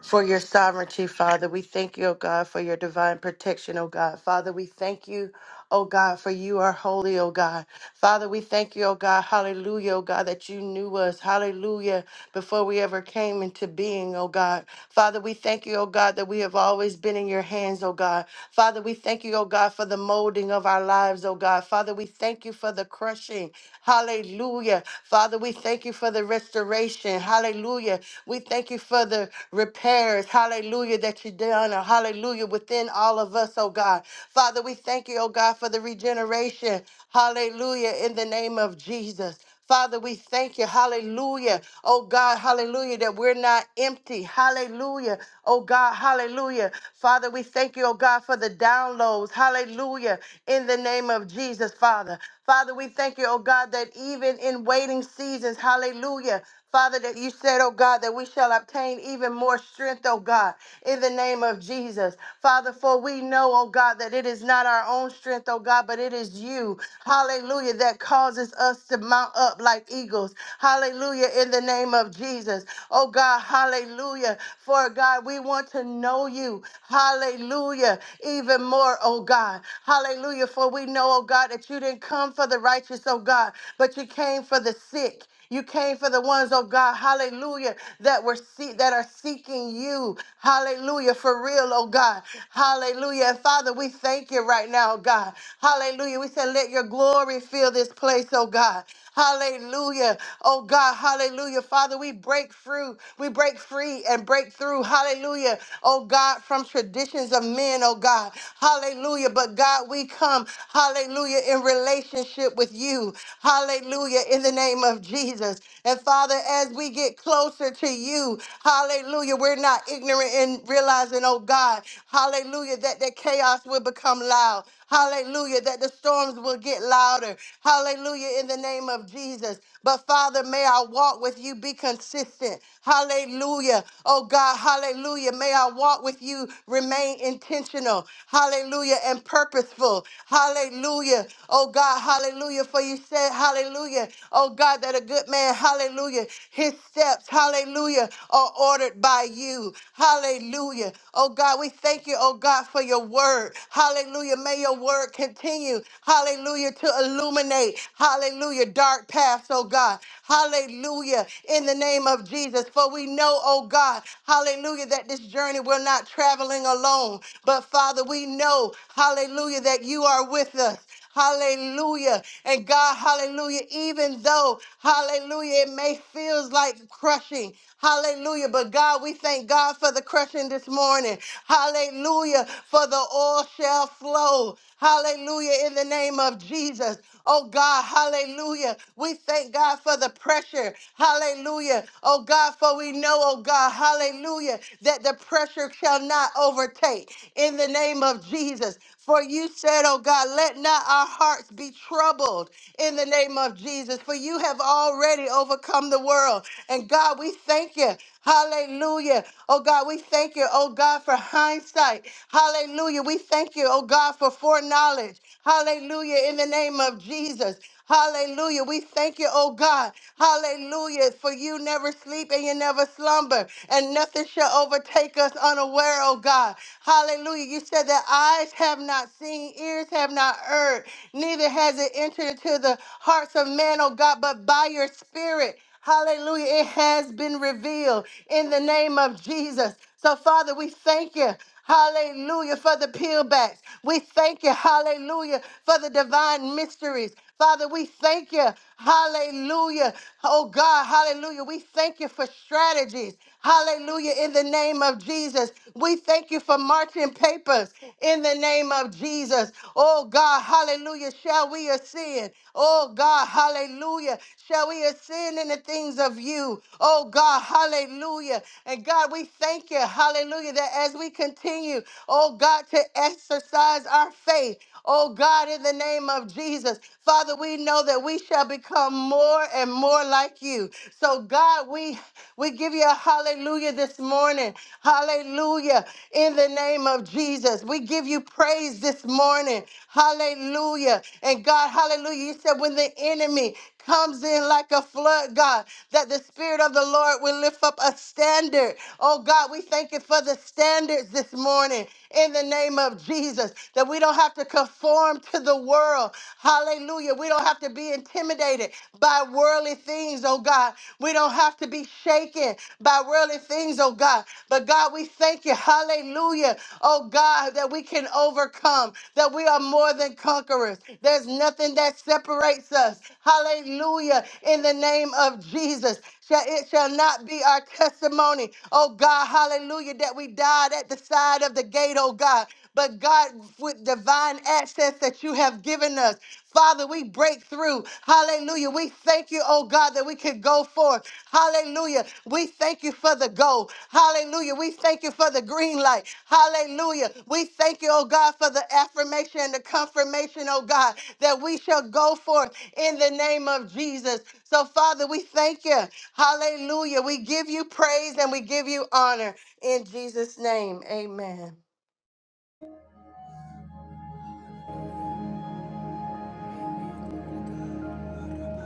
for your sovereignty, Father. We thank you, oh God, for your divine protection, oh God. Father, we thank you oh God, for you are holy, oh God. Father, we thank you, oh God, hallelujah, oh God, that you knew us, hallelujah, before we ever came into being, oh God. Father, we thank you, oh God, that we have always been in your hands, oh God. Father, we thank you, oh God, for the molding of our lives, oh God. Father, we thank you for the crushing, hallelujah. Father, we thank you for the restoration, hallelujah. We thank you for the repairs, hallelujah, that you done, hallelujah, within all all of us, oh God. Father, we thank you, oh God, for the regeneration. Hallelujah, in the name of Jesus. Father, we thank you. Hallelujah. Oh God, hallelujah, that we're not empty. Hallelujah. Oh God, hallelujah. Father, we thank you, oh God, for the downloads. Hallelujah. In the name of Jesus, Father. Father, we thank you, oh God, that even in waiting seasons, hallelujah. Father, that you said, oh God, that we shall obtain even more strength, oh God, in the name of Jesus. Father, for we know, oh God, that it is not our own strength, oh God, but it is you, hallelujah, that causes us to mount up like eagles. Hallelujah, in the name of Jesus. Oh God, hallelujah. For God, we want to know you. Hallelujah, even more, oh God. Hallelujah, for we know, oh God, that you didn't come for the righteous, oh God, but you came for the sick you came for the ones, oh God, hallelujah, that were see- that are seeking you. Hallelujah, for real, oh God. Hallelujah. And Father, we thank you right now, oh God. Hallelujah. We said, let your glory fill this place, oh God. Hallelujah. Oh God, hallelujah. Father, we break through, we break free and break through. Hallelujah. Oh God, from traditions of men, oh God. Hallelujah. But God, we come, hallelujah, in relationship with you. Hallelujah. In the name of Jesus. And Father, as we get closer to you, hallelujah, we're not ignorant in realizing, oh God, hallelujah, that the chaos will become loud. Hallelujah, that the storms will get louder. Hallelujah, in the name of Jesus. But Father, may our walk with you be consistent. Hallelujah. Oh God, hallelujah. May our walk with you remain intentional. Hallelujah, and purposeful. Hallelujah hallelujah. Oh God, hallelujah. For you said, hallelujah. Oh God, that a good man, hallelujah. His steps, hallelujah, are ordered by you. Hallelujah. Oh God, we thank you, oh God, for your word. Hallelujah. May your word continue, hallelujah, to illuminate, hallelujah, dark paths, oh God. Hallelujah. In the name of Jesus. For we know, oh God, hallelujah, that this journey we're not traveling alone. But Father, we know, hallelujah, that you are with us. Hallelujah. And God, hallelujah, even though, hallelujah, it may feels like crushing. Hallelujah. But God, we thank God for the crushing this morning. Hallelujah. For the oil shall flow. Hallelujah. In the name of Jesus. Oh God, hallelujah. We thank God for the pressure. Hallelujah. Oh God, for we know, oh God, hallelujah, that the pressure shall not overtake. In the name of Jesus. Jesus. For you said, oh God, let not our hearts be troubled in the name of Jesus, for you have already overcome the world. And God, we thank you. Hallelujah. Oh God, we thank you, oh God, for hindsight. Hallelujah. We thank you, oh God, for foreknowledge. Hallelujah. In the name of Jesus. Hallelujah. We thank you, oh God. Hallelujah. For you never sleep and you never slumber, and nothing shall overtake us unaware, oh God. Hallelujah. You said that eyes have not seen, ears have not heard, neither has it entered into the hearts of man, oh God, but by your spirit. Hallelujah. It has been revealed in the name of Jesus. So, Father, we thank you. Hallelujah for the peelbacks. We thank you. Hallelujah for the divine mysteries. Father, we thank you. Hallelujah. Oh God, hallelujah. We thank you for strategies. Hallelujah. In the name of Jesus. We thank you for marching papers in the name of Jesus. Oh God, hallelujah. Hallelujah. Shall we ascend? Oh God, hallelujah. Shall we ascend in the things of you? Oh God, hallelujah. And God, we thank you, hallelujah, that as we continue, oh God, to exercise our faith, oh God, in the name of Jesus, Father, we know that we shall become more and more like you. So God, we we give you a hallelujah this morning. Hallelujah in the name of Jesus. We give you praise this morning. Hallelujah. And God, hallelujah. You said when the enemy comes in like a flood, God, that the Spirit of the Lord will lift up a standard. Oh, God, we thank you for the standards this morning in the name of Jesus, that we don't have to conform to the world. Hallelujah. We don't have to be intimidated by worldly things, oh, God. We don't have to be shaken by worldly things, oh God. But God, we thank you. Hallelujah. Oh God, that we can overcome, that we are more than conquerors. There's nothing that separates us. Hallelujah. In the name of Jesus. Shall, it shall not be our testimony, oh God, hallelujah, that we died at the side of the gate, oh God. But God, with divine access that you have given us. Father, we break through. Hallelujah. We thank you, oh God, that we can go forth. Hallelujah. We thank you for the go. Hallelujah. We thank you for the green light. Hallelujah. We thank you, oh God, for the affirmation and the confirmation, oh God, that we shall go forth in the name of Jesus. So, Father, we thank you. Hallelujah. We give you praise and we give you honor in Jesus' name. Amen.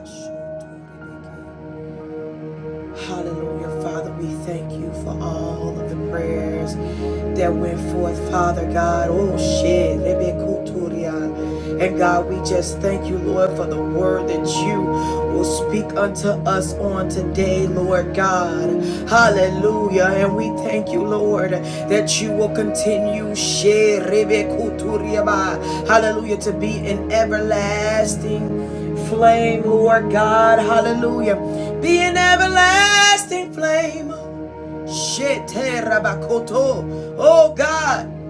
Thank you. Hallelujah, Father, we thank you for all of the prayers that went forth, Father God. Oh shit, Rebekuturia. and God, we just thank you, Lord, for the word that you will speak unto us on today, Lord God. Hallelujah, and we thank you, Lord, that you will continue, shit, Rebekuturia, hallelujah, to be an everlasting flame, Lord God. Hallelujah. Be an everlasting flame. Shete Oh God.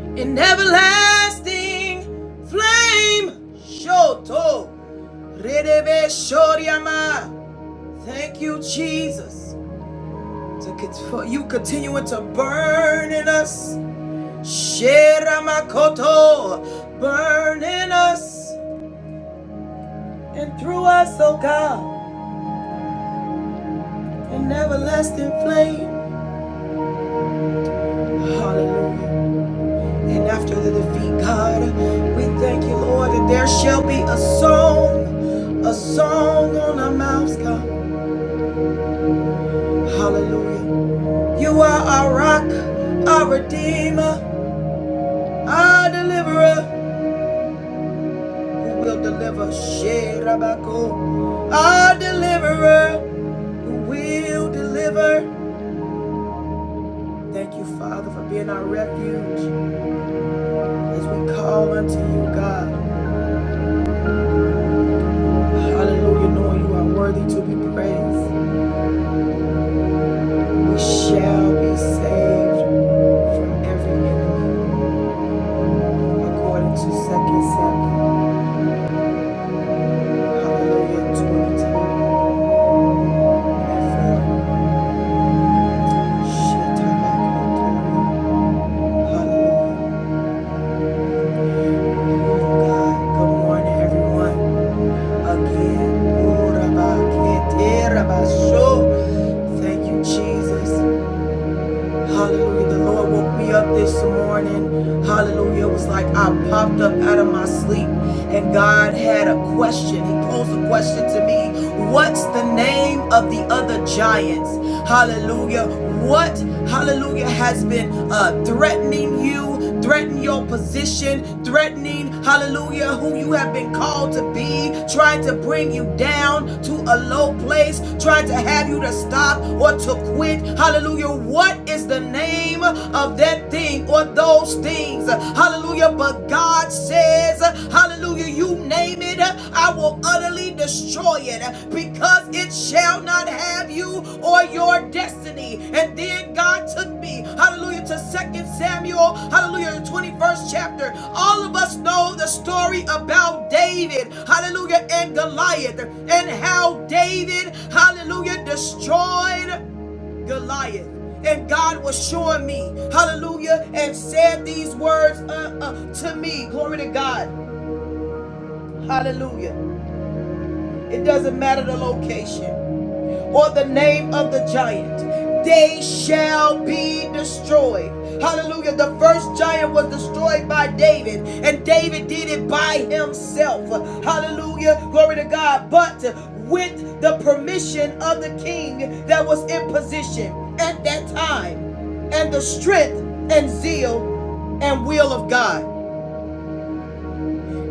An everlasting flame. Shoto. Redebe shoryama. Thank you, Jesus. for you continuing to burn in us. Sheramakoto. Burn in us and through us, oh God. an everlasting flame. Hallelujah. And after the defeat, God, we thank you, Lord, that there shall be a song, a song on our mouths, God. Hallelujah. You are our rock, our redeemer, our deliverer, who will deliver. Sherabako, our deliverer who will deliver. Thank you, Father, for being our refuge as we call unto you, God. Hallelujah, knowing you are worthy to be praised. We shall be saved from every enemy, according to Second Samuel. Hallelujah, 22 and 4. Hallelujah. God, good morning, everyone. Again, Urabakete Rabasho. thank you, Jesus. Hallelujah. The Lord woke me up this morning. Hallelujah. It was like I popped up out of my sleep and God had a question. He posed a question to me What's the name of the other giants? Hallelujah. What, hallelujah, has been uh, threatening you, threatening your position, threatening, hallelujah, who you have been called to be, trying to bring you down? down to a low place, trying to have you to stop or to quit. Hallelujah. What is the name of that thing or those things? Hallelujah. But God says, Hallelujah, you name it, I will utterly destroy it because it shall not have you or your destiny. And then God took me Hallelujah to Second Samuel, hallelujah, the 21st chapter. All of us know the story about David, hallelujah, and Goliath, and how David, hallelujah, destroyed Goliath. And God was showing me, hallelujah, and said these words uh, uh, to me. Glory to God, hallelujah. It doesn't matter the location or the name of the giant. They shall be destroyed. Hallelujah. The first giant was destroyed by David, and David did it by himself. Hallelujah. Glory to God. But with the permission of the king that was in position at that time, and the strength and zeal and will of God.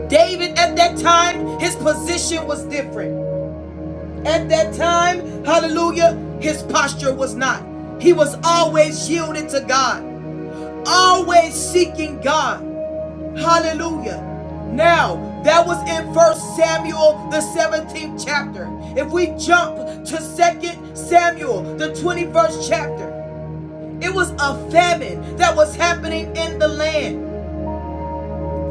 David at that time, his position was different. At that time, hallelujah, his posture was not. He was always yielded to God, always seeking God. Hallelujah. Now, that was in First Samuel, the 17th chapter. If we jump to Second Samuel, the 21st chapter, it was a famine that was happening in the land.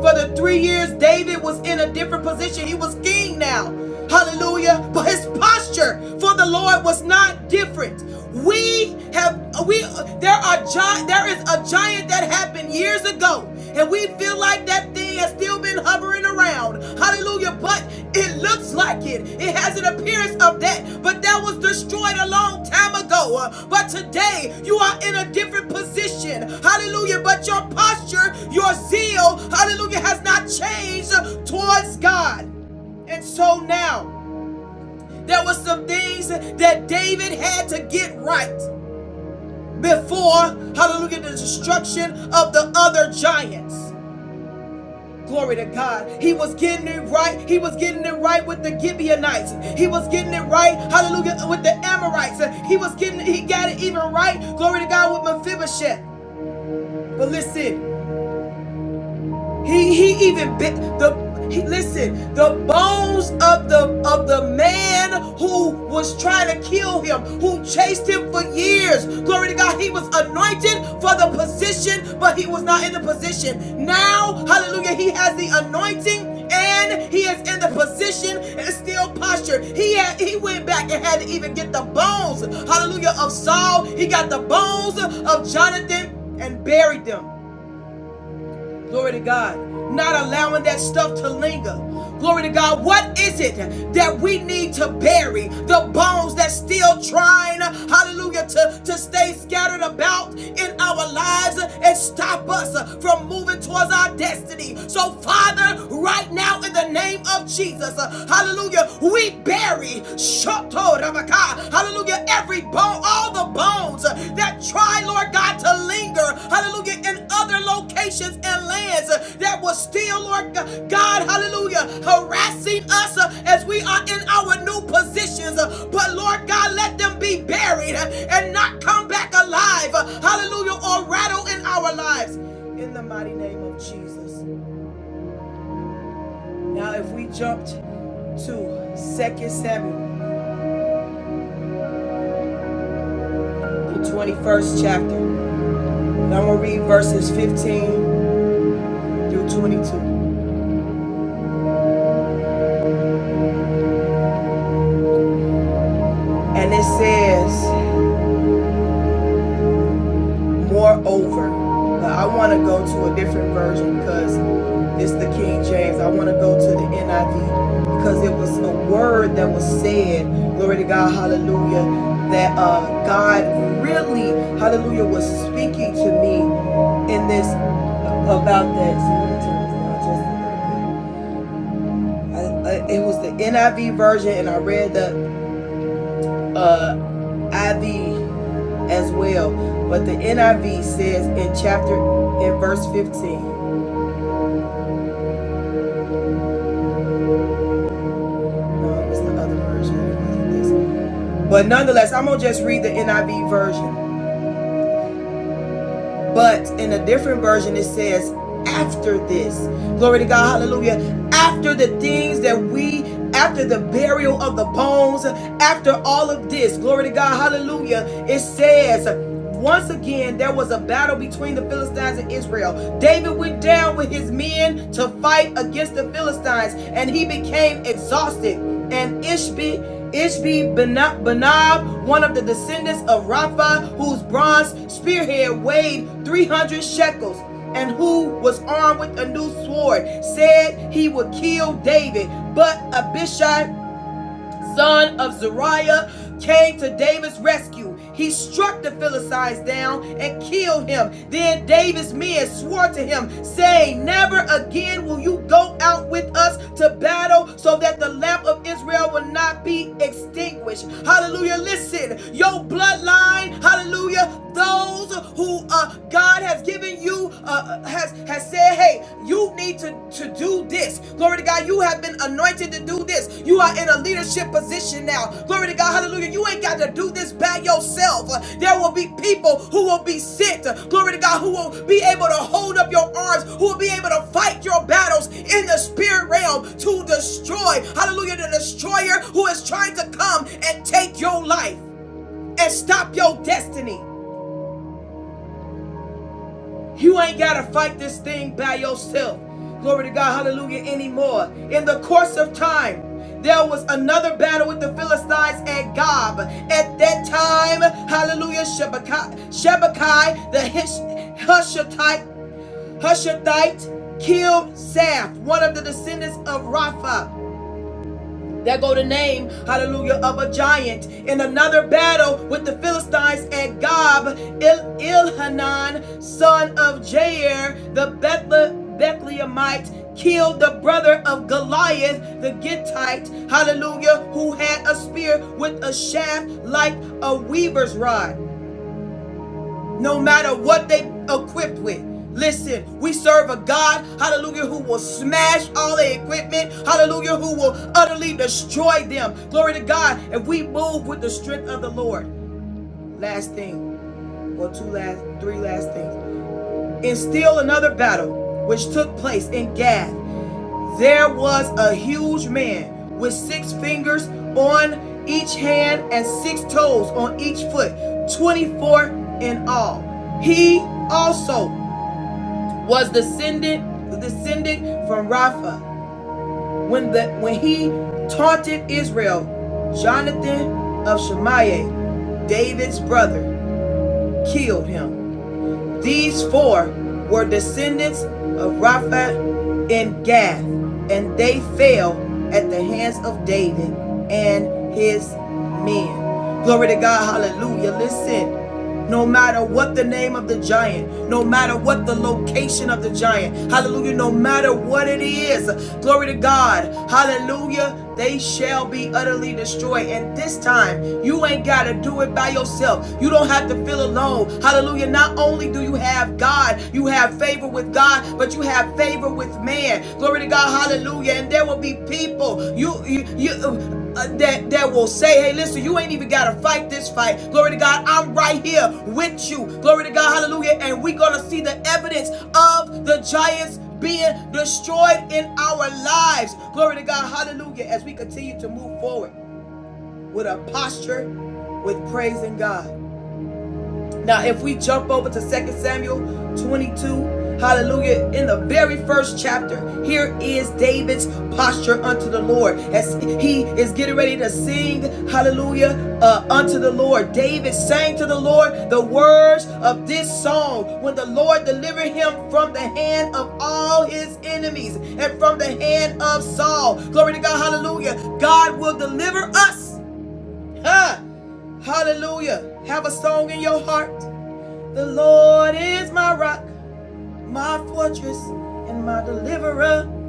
For the three years David was in a different position, he was king now. Hallelujah. But his posture for the Lord was not different. We have we there are gi- there is a giant that happened years ago, and we feel like that thing has still been hovering around. Hallelujah. But it looks like it. It has an appearance of that. But that was destroyed a long time ago. Uh, But today you are in a different position. Hallelujah. But your posture, your zeal, hallelujah, has not changed uh, towards God. And so now, there were some things that David had to get right before, hallelujah, the destruction of the other giants. Glory to God. He was getting it right. He was getting it right with the Gibeonites. He was getting it right, hallelujah, with the Amorites. He was getting he got it even right. Glory to God with Mephibosheth. But listen, he he even bit the he, listen the bones of the of the man who was trying to kill him, who chased him for years. Glory to God. He was anointed for the position, but he was not in the position. Now, hallelujah, he has the anointing and he is in the position and still postured. He had, he went back and had to even get the bones, hallelujah, of Saul. He got the bones of Jonathan and buried them. Glory to God. Not allowing that stuff to linger. Glory to God. What is it that we need to bury? The bones that's still trying, hallelujah, to, to stay scattered about in our lives and stop us from moving towards our destiny. So, Father, right now in the name of Jesus, hallelujah, we bury. Hallelujah. Every bone, all the bones uh, that try, Lord God, to linger. Hallelujah. In other locations and lands uh, that was still, Lord God, hallelujah, harassing us uh, as we are in our new positions. Uh, But Lord God, let them be buried uh, and not come back alive. uh, Hallelujah. Or rattle in our lives. In the mighty name of Jesus. Now, if we jumped to Second Samuel, the 21st chapter. I'm going to read verses 15 through 22. And it says, Moreover, now I want to go to a different version because it's the King James. I want to go to the NIV because it was a word that was said, glory to God, hallelujah, that uh, God really, hallelujah, was speaking to me in this about that. it was the NIV version, and I read the. uh, IV as well. But the NIV says in chapter in verse 15. No, it the other version. But nonetheless, I'm gonna just read the NIV version. But in a different version, it says, after this. Glory to God. Hallelujah. After the things that we, after the burial of the bones, after all of this, glory to God. Hallelujah. It says, once again, there was a battle between the Philistines and Israel. David went down with his men to fight against the Philistines, and he became exhausted. And Ishbi Ishbi Benab, one of the descendants of Rapha, whose bronze spearhead weighed 300 shekels, and who was armed with a new sword, said he would kill David. But Abishai son of Zariah, came to David's rescue. He struck the Philistines down and killed him. Then David's men swore to him, saying, Never again will you go out with us to battle, so that the lamp of Israel will not be extinguished. Hallelujah. Listen, your bloodline, hallelujah, those who uh, God has given you, uh, uh, has, has said, hey, you need to, to do this. Glory to God, you have been anointed to do this. You are in a leadership position now. Glory to God, hallelujah. You ain't got to do this by yourself. Uh, There will be people who will be sent. uh, Glory to God, who will be able to hold up your arms, who will be able to fight your battles in the spirit realm to destroy, hallelujah, the destroyer who is trying to come and take your life and stop your destiny. You ain't got to fight this thing by yourself. Glory to God, hallelujah, anymore. In the course of time, there was another battle with the Philistines at Gob. At that time, hallelujah, Shebekai, Shebekai the Hushathite, Hushathite killed Zaph, one of the descendants of Rapha. There go the name, hallelujah, of a giant. In another battle with the Philistines at Gob, Il- Ilhanan, son of Jair, the Bethle- Bethlehemite, killed the brother of Goliath, the Gittite, hallelujah, who had a spear with a shaft like a weaver's rod no matter what they equipped with. Listen, we serve a God, hallelujah, who will smash all the equipment, hallelujah, who will utterly destroy them. Glory to God. And we move with the strength of the Lord. Last thing, or two last, three last things. In still another battle, which took place in Gath. There was a huge man with six fingers on each hand and six toes on each foot, 24 in all. He also was descendant descended from Rapha. When the when he taunted Israel, Jonathan of Shemaiah, David's brother, killed him. These four were descendants of Rapha and Gath, and they fell at the hands of David and his men. Glory to God, hallelujah. Listen. No matter what the name of the giant, no matter what the location of the giant, hallelujah, no matter what it is, glory to God, hallelujah, they shall be utterly destroyed. And this time, you ain't got to do it by yourself yourself. You don't have to feel alone. Hallelujah. Not only do you have God, you have favor with God, but you have favor with man. Glory to God. Hallelujah. And there will be people you you, you uh, that that will say, "Hey, listen, you ain't even got to fight this fight." Glory to God. I'm right here with you. Glory to God. Hallelujah. And we're going to see the evidence of the giants being destroyed in our lives. Glory to God. Hallelujah. As we continue to move forward with a posture with praising God. Now, if we jump over to Second Samuel 22, hallelujah, in the very first chapter, here is David's posture unto the Lord as he is getting ready to sing, hallelujah, uh, unto the Lord. David sang to the Lord the words of this song when the Lord delivered him from the hand of all his enemies and from the hand of Saul. Glory to God, hallelujah. God will deliver us. Huh. Hallelujah. Have a song in your heart. The Lord is my rock, my fortress, and my deliverer.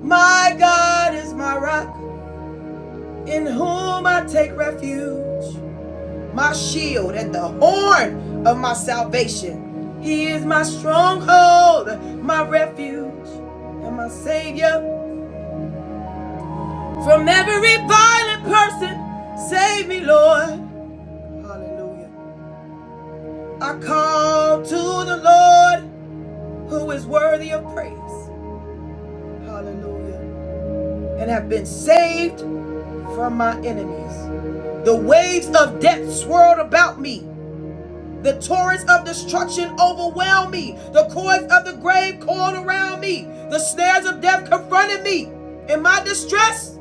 My God is my rock, in whom I take refuge. My shield and the horn of my salvation. He is my stronghold, my refuge, and my Savior. From every violent person, save me, Lord. Hallelujah. I call to the Lord, who is worthy of praise. Hallelujah. and have been saved from my enemies. The waves of death swirled about me. The torrents of destruction overwhelmed me. The cords of the grave coiled around me. The snares of death confronted me. In my distress,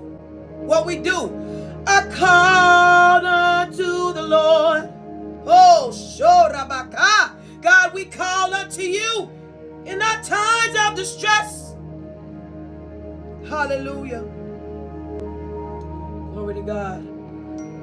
what we do? I called unto the Lord. Oh, Shorabaka. God, we call unto you in our times of distress. Hallelujah. Glory to God.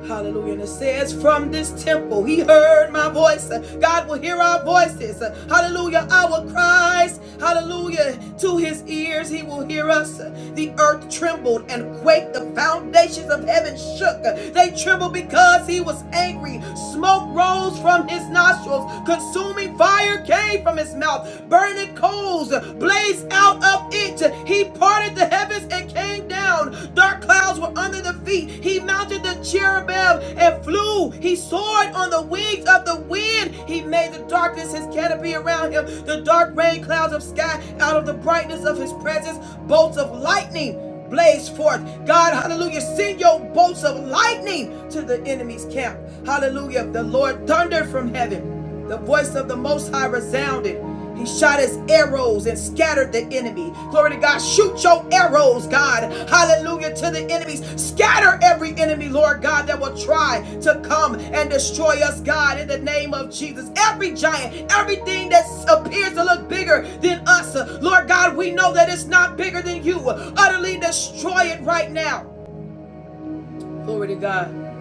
Hallelujah. And it says, From this temple he heard my voice. God will hear our voices. Hallelujah. Our cries. Hallelujah. To his ears he will hear us. The earth trembled and quaked. The foundations of heaven shook. They trembled because he was angry. Smoke rose from his nostrils. Consuming fire came from his mouth. Burning coals blazed out of it feet. He parted the heavens and came down. Dark clouds were under the feet. He mounted the cherubim and flew. He soared on the wings of the wind. He made the darkness his canopy around him, the dark rain clouds of sky out of the brightness of his presence, bolts of lightning. Blaze forth, God, hallelujah. Send your bolts of lightning to the enemy's camp, hallelujah. The Lord thundered from heaven, the voice of the Most High resounded. He shot his arrows and scattered the enemy. Glory to God. Shoot your arrows, God. Hallelujah to the enemies. Scatter every enemy, Lord God, that will try to come and destroy us, God, in the name of Jesus. Every giant, everything that appears to look bigger than us, uh, Lord God, we know that it's not bigger than you. Utterly destroy it right now. Glory to God.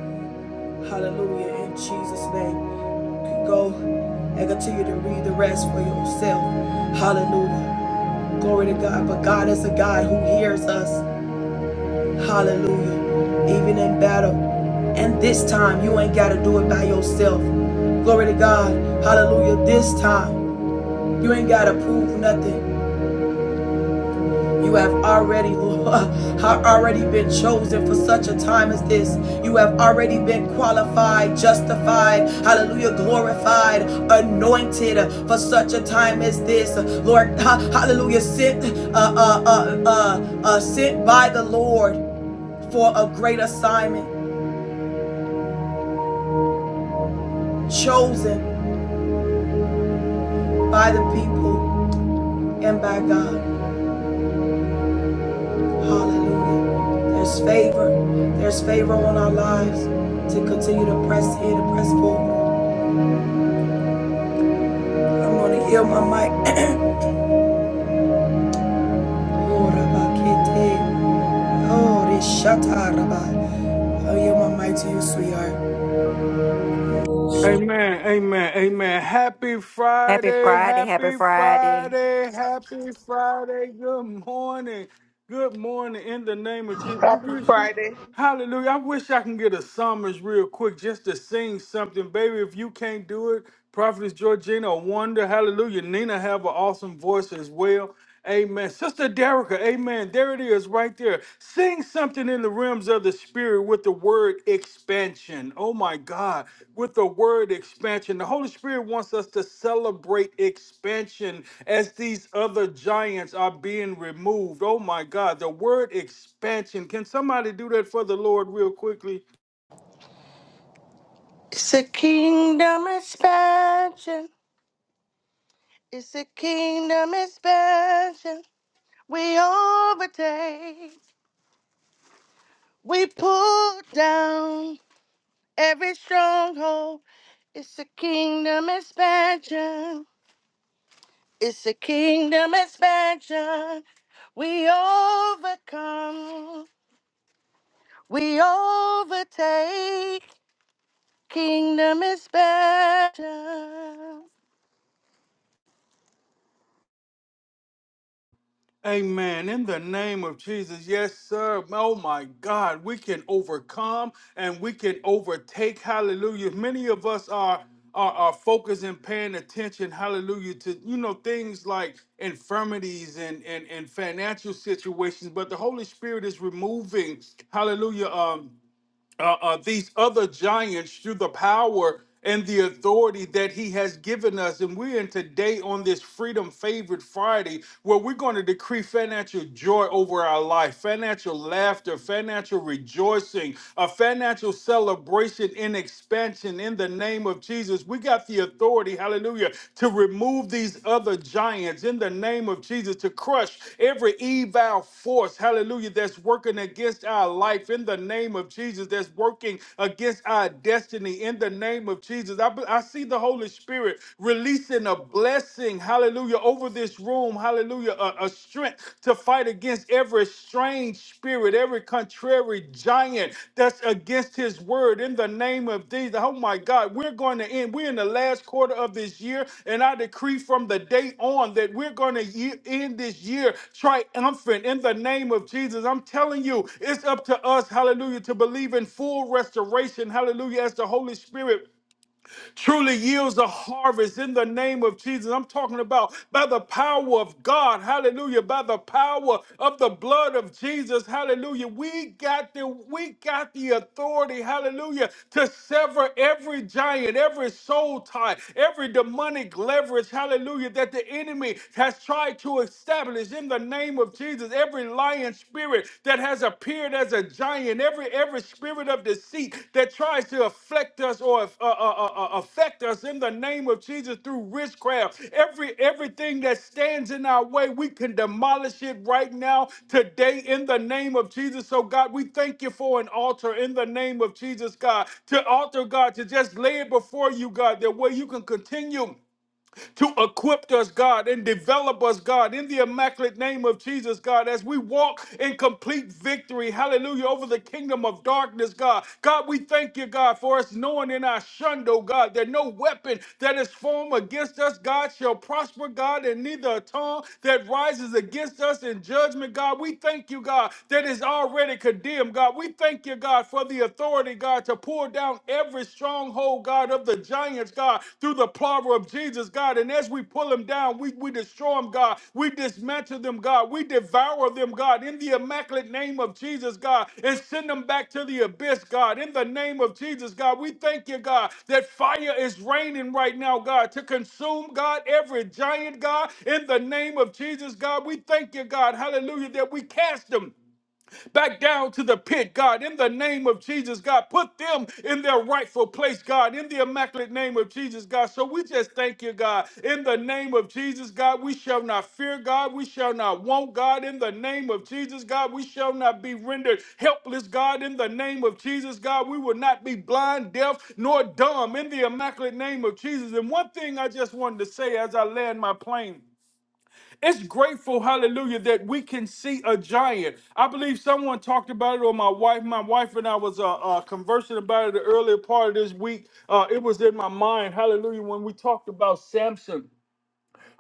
Hallelujah. In Jesus' name. You can go and continue to read the rest for yourself. Hallelujah. Glory to God. But God is a God who hears us. Hallelujah. Even in battle. And this time, you ain't got to do it by yourself. Glory to God. Hallelujah. This time, you ain't got to prove nothing. You have already, Lord, have already been chosen for such a time as this. You have already been qualified, justified, hallelujah, glorified, anointed for such a time as this. Lord, hallelujah, sent, uh, uh, uh, uh, uh, sent by the Lord for a great assignment, chosen by the people and by God. Hallelujah. There's favor. There's favor on our lives to continue to press in and press forward. I'm gonna yield my mic. Oh, Rabakete. Oh, this shata, Rabbi. I'll yield my mic to you, sweetheart.
Amen, amen, amen. Happy
Happy
Friday,
Friday. Happy
happy
Friday.
Friday, happy Friday. Good morning, good morning in the name of Jesus. I
Happy
wish,
Friday.
hallelujah, I wish I can get a summons real quick just to sing something. Baby, if you can't do it, Prophetess Georgina, a wonder, hallelujah. Nina have an awesome voice as well. Amen. Sister Derica, amen. There it is right there. Sing something in the realms of the spirit with the word expansion. Oh my God, with the word expansion. The Holy Spirit wants us to celebrate expansion as these other giants are being removed. Oh my God, the word expansion. Can somebody do that for the Lord real quickly?
It's a kingdom expansion. It's a kingdom expansion. We overtake. We pull down every stronghold. It's a kingdom expansion. It's a kingdom expansion. We overcome. We overtake. Kingdom expansion.
Amen. In the name of Jesus. Yes, sir. Oh my God. We can overcome and we can overtake. Hallelujah. Many of us are are, are focused and paying attention, hallelujah, to you know things like infirmities and, and and financial situations. But the Holy Spirit is removing, hallelujah, um uh, uh, these other giants through the power and the authority that he has given us. And we're in today on this Freedom Favored Friday where we're going to decree financial joy over our life, financial laughter, financial rejoicing, a financial celebration and expansion in the name of Jesus. We got the authority, hallelujah, to remove these other giants in the name of Jesus to crush every evil force, hallelujah, that's working against our life in the name of Jesus, that's working against our destiny in the name of Jesus. I, be- I see the Holy Spirit releasing a blessing, hallelujah, over this room, hallelujah, a, a strength to fight against every strain lying spirit, every contrary giant that's against his word in the name of Jesus. Oh my God, we're going to end. We're in the last quarter of this year, and I decree from the day on that we're going to ye- end this year triumphant in the name of Jesus. I'm telling you, it's up to us, hallelujah, to believe in full restoration, hallelujah, as the Holy Spirit truly yields a harvest in the name of Jesus. I'm talking about by the power of God. Hallelujah. By the power of the blood of Jesus. Hallelujah. We got the we got the authority, hallelujah, to sever every giant, every soul tie, every demonic leverage, hallelujah, that the enemy has tried to establish in the name of Jesus. Every lying spirit, spirit that has appeared as a giant, every every spirit of deceit that tries to afflict us or uh, uh, uh, uh, uh, affect us in the name of Jesus through witchcraft, every everything that stands in our way, we can demolish it right now today in the name of Jesus. So God, we thank you for an altar in the name of Jesus, God, to altar God to just lay it before you, God, that way you can continue to equip us, God, and develop us, God, in the immaculate name of Jesus, God, as we walk in complete victory, hallelujah, over the kingdom of darkness, God. God, we thank you, God, for us knowing in our shundo, God, that no weapon that is formed against us, God, shall prosper, God, and neither a tongue that rises against us in judgment, God. We thank you, God, that is already condemned, God. We thank you, God, for the authority, God, to pour down down every stronghold, God, of the giants, God, through the power of Jesus, God. And as we pull them down, we, we destroy them, God. We dismantle them, God. We devour them, God, in the immaculate name of Jesus, God, and send them back to the abyss, God. In the name of Jesus, God, we thank you, God, that fire is raining right now, God, to consume, God, every giant, God. In the name of Jesus, God, we thank you, God. Hallelujah, that we cast them back down to the pit, God, in the name of Jesus, God. Put them in their rightful place, God, in the immaculate name of Jesus, God. So we just thank you, God, in the name of Jesus, God. We shall not fear, God. We shall not want, God, in the name of Jesus, God. We shall not be rendered helpless, God, in the name of Jesus, God. We will not be blind, deaf, nor dumb, in the immaculate name of Jesus. And one thing I just wanted to say as I land my plane. It's grateful, hallelujah, that we can see a giant. I believe someone talked about it, or my wife, my wife and I was uh, uh, conversing about it the earlier part of this week. Uh, it was in my mind, hallelujah, when we talked about Samson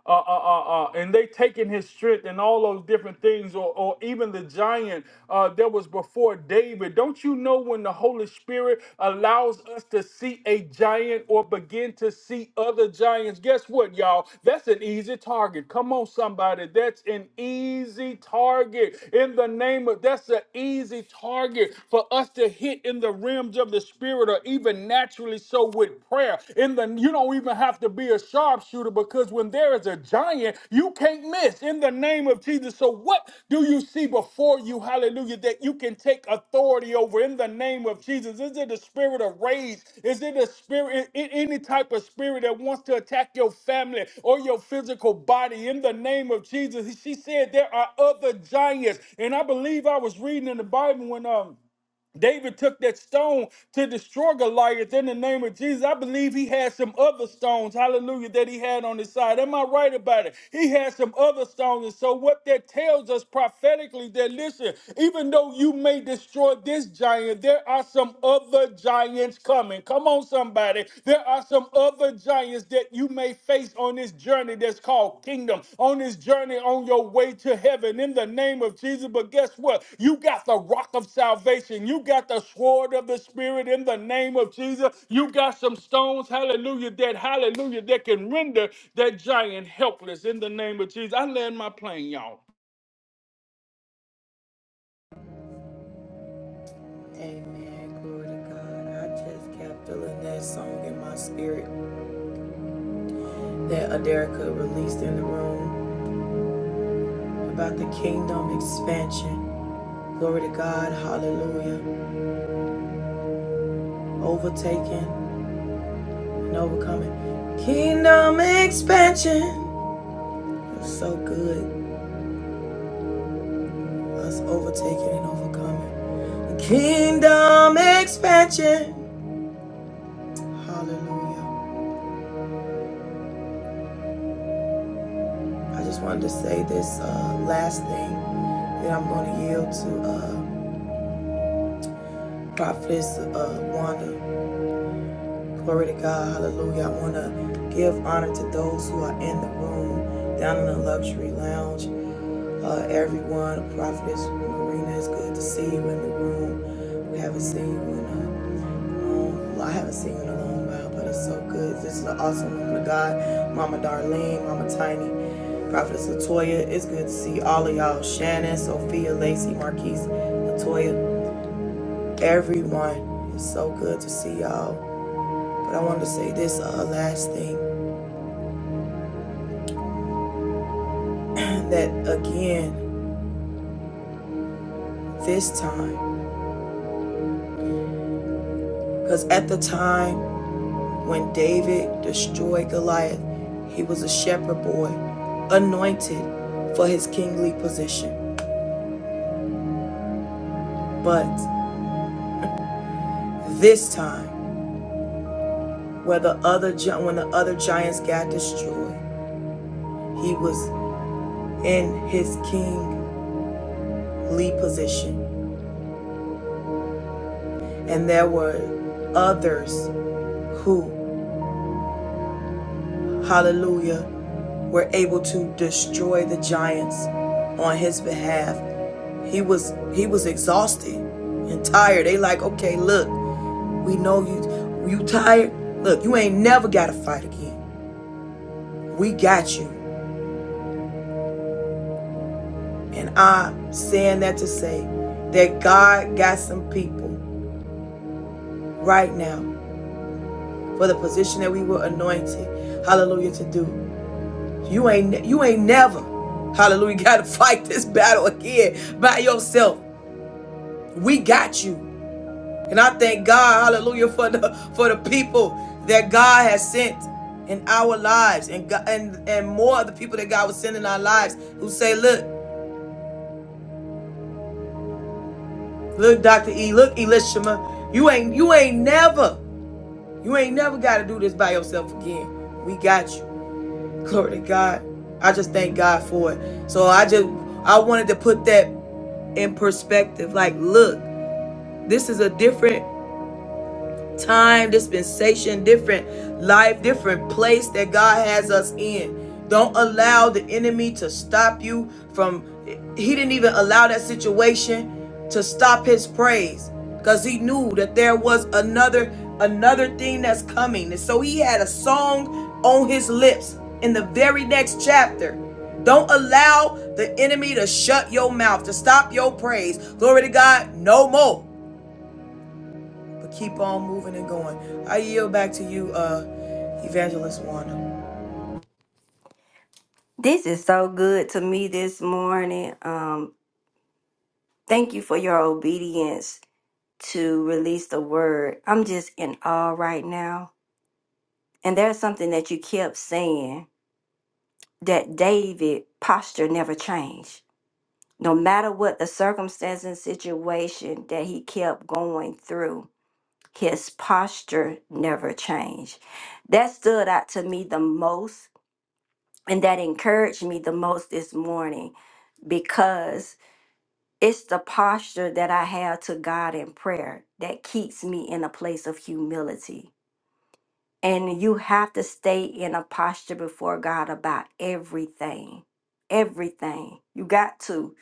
uh, uh, uh, uh, and they taking his strength and all those different things, or, or even the giant uh, that was before David. Don't you know when the Holy Spirit allows us to see a giant or begin to see other giants? Guess what, y'all? That's an easy target. Come on, somebody. That's an easy target. In the name of that's an easy target for us to hit in the realms of the spirit, or even naturally so with prayer. In the you don't even have to be a sharpshooter because when there is a giant, you can't miss in the name of Jesus. So what do you see before you, hallelujah, that you can take authority over in the name of Jesus? Is it a spirit of rage? Is it a spirit a- any type of spirit that wants to attack your family or your physical body in the name of Jesus? She said there are other giants. And I believe I was reading in the Bible when um David took that stone to destroy Goliath in the name of Jesus. I believe he had some other stones, hallelujah, that he had on his side. Am I right about it? He had some other stones. And so, what that tells us prophetically that listen, even though you may destroy this giant, there are some other giants coming. Come on, somebody. There are some other giants giants that you may face on this journey that's called kingdom, on this journey on your way to heaven in the name of Jesus. But guess what? You got the rock of salvation. You got the sword of the spirit in the name of Jesus. You got some stones, hallelujah, that hallelujah, that can render that giant helpless in the name of Jesus. I land my plane, y'all.
Amen. Glory to God. I just kept feeling that song in my spirit that Aderica released in the room about the kingdom expansion. Glory to God. Hallelujah. Overtaking and overcoming. Kingdom expansion. It's so good. us overtaking and overcoming. Kingdom expansion. Hallelujah. I just wanted to say this uh, last thing that I'm going to yield to uh, Prophetess uh, Wanda. Glory to God. Hallelujah. I want to give honor to those who are in the room, down in the luxury lounge. Uh, everyone, Prophetess Marina, it's good to see you in the room. We haven't seen you in a Um, I haven't seen you in a long while, but it's so good. This is an awesome woman of God, Mama Darlene, Mama Tiny, Prophetess Latoya. It's good to see all of y'all. Shannon, Sophia, Lacey, Marquise, Latoya, everyone. It's so good to see y'all. But I wanted to say this uh, last thing that again, this time, because at the time when David destroyed Goliath, he was a shepherd boy, anointed for his kingly position. But This time, where the other when the other giants got destroyed, he was in his kingly position, and there were others who, hallelujah, were able to destroy the giants on his behalf. He was he was exhausted and tired. They like, okay, look, we know you you tired. Look, you ain't never gotta fight again. We got you. And I'm saying that to say that God got some people right now for the position that we were anointed, hallelujah, to do. You ain't you ain't never, hallelujah, gotta fight this battle again by yourself. We got you. And I thank God, hallelujah, for the for the people that God has sent in our lives and God, and and more of the people that God was sending in our lives who say, look, look, Dr. E, look, Elishama, you ain't you ain't never. You ain't never got to do this by yourself again. We got you. Glory to God. I just thank God for it. So I just I wanted to put that in perspective. Like, look, this is a different time, dispensation, different life, different place that God has us in. Don't allow the enemy to stop you from, he didn't even allow that situation to stop his praise because he knew that there was another another thing that's coming and so he had a song on his lips in the very next chapter don't allow the enemy to shut your mouth to stop your praise glory to god no more but keep on moving and going. I yield back to you, uh, Evangelist Wanda.
This is so good to me this morning. Um, thank you for your obedience to release the word. I'm just in awe right now. And there's something that you kept saying that David posture never changed. No matter what the circumstance and situation that he kept going through, his posture never changed. That stood out to me the most and that encouraged me the most this morning because it's the posture that I have to God in prayer that keeps me in a place of humility. And you have to stay in a posture before God about everything. Everything. You got to.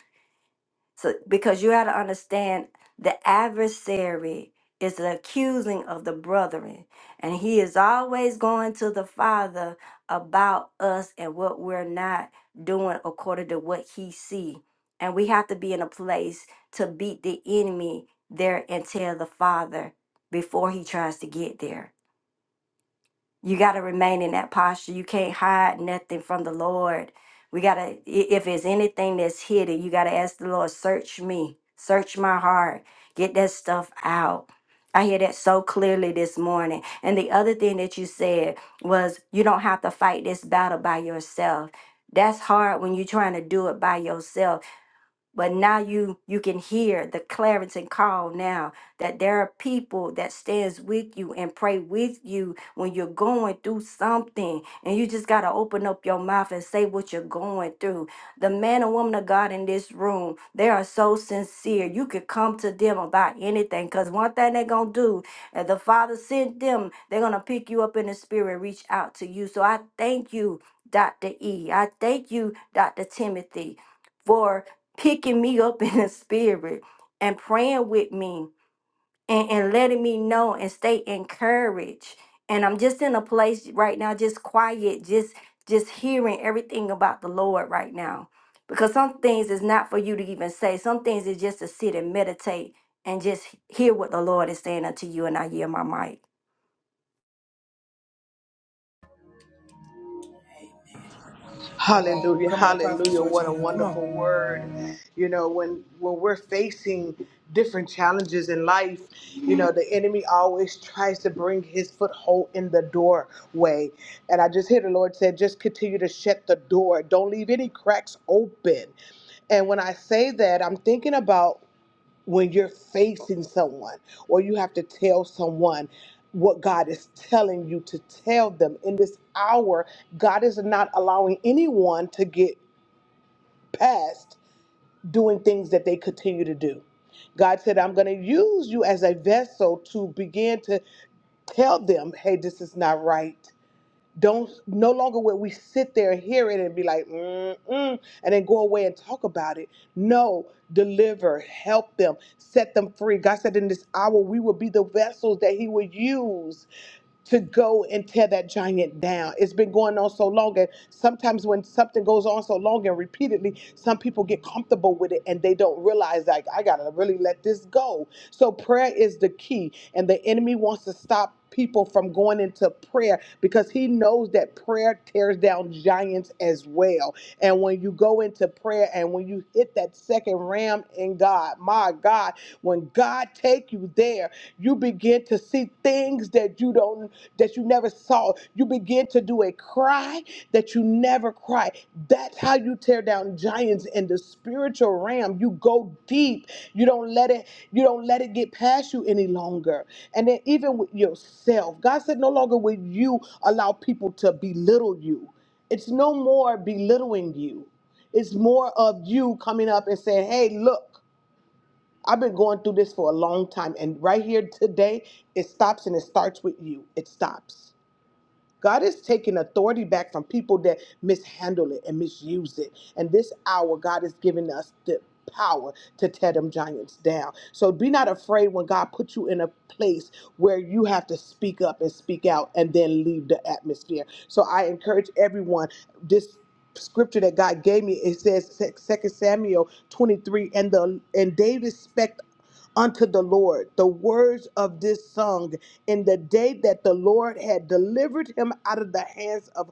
So because you got to understand the adversary is the accusing of the brethren and he is always going to the father about us and what we're not doing according to what he see and we have to be in a place to beat the enemy there and tell the father before he tries to get there you got to remain in that posture. You can't hide nothing from the Lord. We got to, if it's anything that's hidden, you got to ask the Lord, search me, search my heart, get that stuff out. I hear that so clearly this morning. And the other thing that you said was, you don't have to fight this battle by yourself. That's hard when you're trying to do it by yourself but now you you can hear the clarence and call now that there are people that stands with you and pray with you when you're going through something and you just got to open up your mouth and say what you're going through the man and woman of god in this room they are so sincere you could come to them about anything because one thing they're gonna do and the father sent them they're gonna pick you up in the spirit reach out to you so i thank you dr e i thank you dr timothy for picking me up in the spirit and praying with me and, and letting me know and stay encouraged. And I'm just in a place right now, just quiet, just just hearing everything about the Lord right now. Because some things is not for you to even say. Some things is just to sit and meditate and just hear what the Lord is saying unto you. And I hear my mic.
Come on,
Hallelujah,
come on, Prophetess
hallelujah. What a
Georgina, come
wonderful
on.
word. You know, when when we're facing different challenges in life, you know, the enemy always tries to bring his foothold in the doorway. And I just hear the Lord said, just continue to shut the door. Don't leave any cracks open. And when I say that, I'm thinking about when you're facing someone or you have to tell someone what God is telling you to tell them in this hour, God is not allowing anyone to get past doing things that they continue to do. God said, I'm going to use you as a vessel to begin to tell them, hey, this is not right don't no longer where we sit there and hear it and be like mm-mm and then go away and talk about it no deliver help them set them free god said in this hour we will be the vessels that he would use to go and tear that giant down. It's been going on so long, and sometimes when something goes on so long and repeatedly, some people get comfortable with it and they don't realize, like, I gotta really let this go. So, prayer is the key, and the enemy wants to stop people from going into prayer because he knows that prayer tears down giants as well. And when you go into prayer and when you hit that second ram in God, my God, when God take you there, you begin to see things that you don't that you never saw. You begin to do a cry that you never cry. That's how you tear down giants in the spiritual realm. You go deep. You don't let it you don't let it get past you any longer. And then even with yourself, God said no longer will you allow people to belittle you. It's no more belittling you. It's more of you coming up and saying, "Hey, look." I've been going through this for a long time, and right here today, it stops and it starts with you. It stops. God is taking authority back from people that mishandle it and misuse it. And this hour, God is giving us the power to tear them giants down. So be not afraid when God puts you in a place where you have to speak up and speak out and then leave the atmosphere. So I encourage everyone this scripture that God gave me it says Second Samuel 23 and the and David spec unto the Lord the words of this song in the day that the Lord had delivered him out of the hands of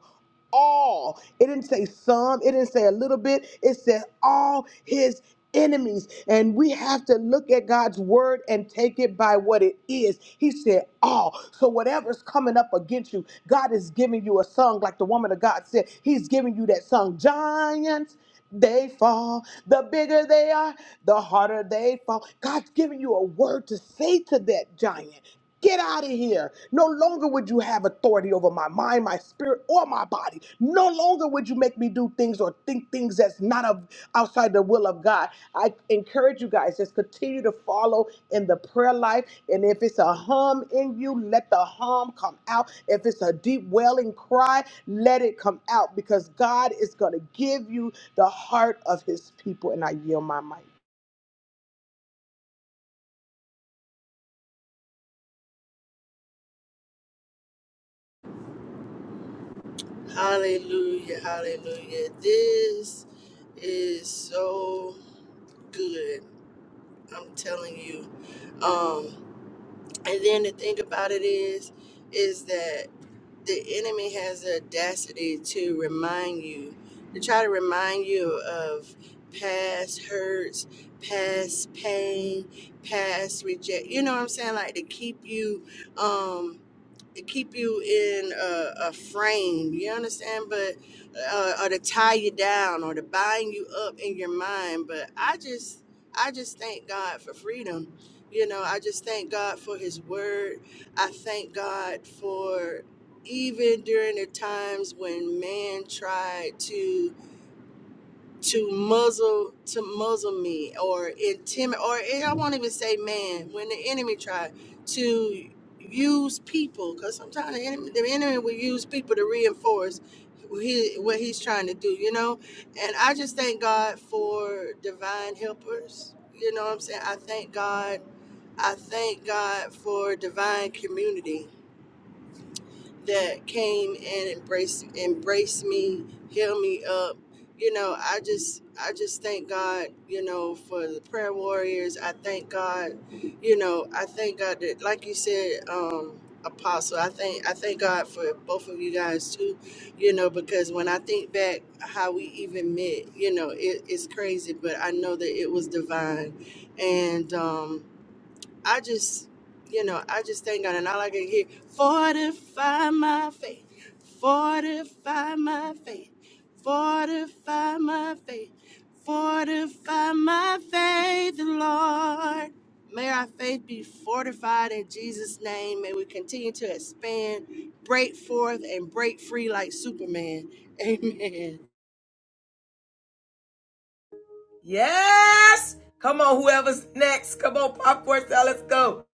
all. It didn't say some, it didn't say a little bit, it said all his enemies. And we have to look at God's word and take it by what it is. He said all. So whatever's coming up against you, God is giving you a song like the woman of God said. He's giving you that song. Giants they fall. The bigger they are, the harder they fall. God's giving you a word to say to that giant. Get out of here. No longer would you have authority over my mind, my spirit, or my body. No longer would you make me do things or think things that's not of outside the will of God. I encourage you guys, just continue to follow in the prayer life. And if it's a hum in you, let the hum come out. If it's a deep wailing cry, let it come out because God is going to give you the heart of his people. And I yield my mic.
Hallelujah, hallelujah. This is so good. I'm telling you. Um, and then the thing about it is, is that the enemy has the audacity to remind you, to try to remind you of past hurts, past pain, past reject. You know what I'm saying? Like to keep you. Um, it keep you in a, a frame. You understand, but uh, or to tie you down or to bind you up in your mind. But I just, I just thank God for freedom. You know, I just thank God for His Word. I thank God for even during the times when man tried to to muzzle to muzzle me or intimidate or eh, I won't even say man when the enemy tried to use people because sometimes the enemy, the enemy will use people to reinforce what he what he's trying to do you know and I just thank God for divine helpers you know what I'm saying I thank God I thank God for divine community that came and embraced embraced me, healed me up. You know, I just I just thank God, you know, for the prayer warriors. I thank God, you know, I thank God that like you said, um, Apostle, I thank I thank God for both of you guys too, you know, because when I think back how we even met, you know, it, it's crazy, but I know that it was divine. And um I just, you know, I just thank God, and all I can hear, fortify my faith, fortify my faith, fortify my faith, fortify my faith, Lord. May our faith be fortified in Jesus' name. May we continue to expand, break forth, and break free like Superman. Amen.
Yes, come on, whoever's next, come on, popcorn style, let's go.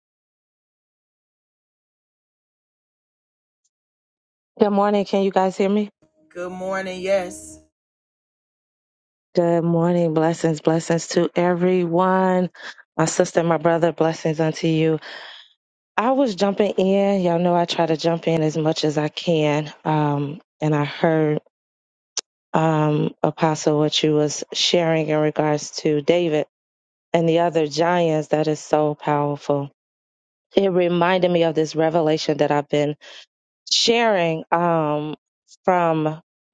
Good morning. Can you guys hear me?
Good morning, yes.
Good morning. Blessings, blessings to everyone. My sister, my brother, blessings unto you. I was jumping in. Y'all know I try to jump in as much as I can. Um, and I heard um, Apostle what you was sharing in regards to David and the other giants. That is so powerful. It reminded me of this revelation that I've been sharing um, from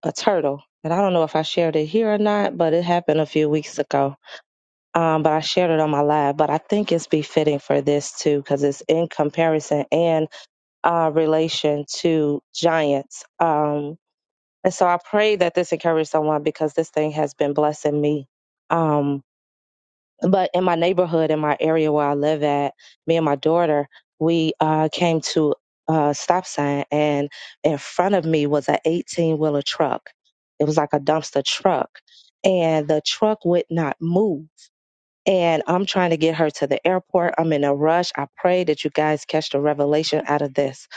a turtle. And I don't know if I shared it here or not, but it happened a few weeks ago. Um, but I shared it on my live. But I think it's befitting for this too, because it's in comparison and uh, relation to giants. Um, and so I pray that this encourages someone because this thing has been blessing me. um, but in my neighborhood, in my area where I live at, me and my daughter, we uh, came to a stop sign, and in front of me was an 18 wheeler truck. It was like a dumpster truck, and the truck would not move. And I'm trying to get her to the airport. I'm in a rush. I pray that you guys catch the revelation out of this.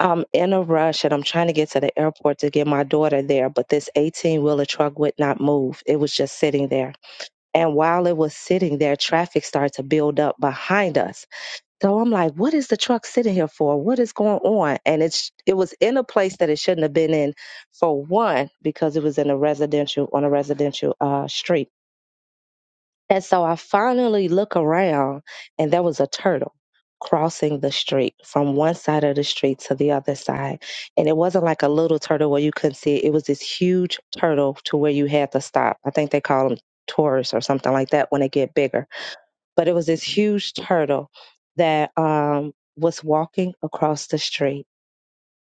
I'm in a rush and I'm trying to get to the airport to get my daughter there, but this 18 wheeler truck would not move. It was just sitting there and while it was sitting there, traffic started to build up behind us. So I'm like, what is the truck sitting here for? What is going on? And it's it was in a place that it shouldn't have been in for one, because it was in a residential on a residential uh street. And so I finally look around and there was a turtle crossing the street from one side of the street to the other side. And it wasn't like a little turtle where you couldn't see it. It was this huge turtle to where you had to stop. I think they call them tourists or something like that when they get bigger but it was this huge turtle that um, was walking across the street,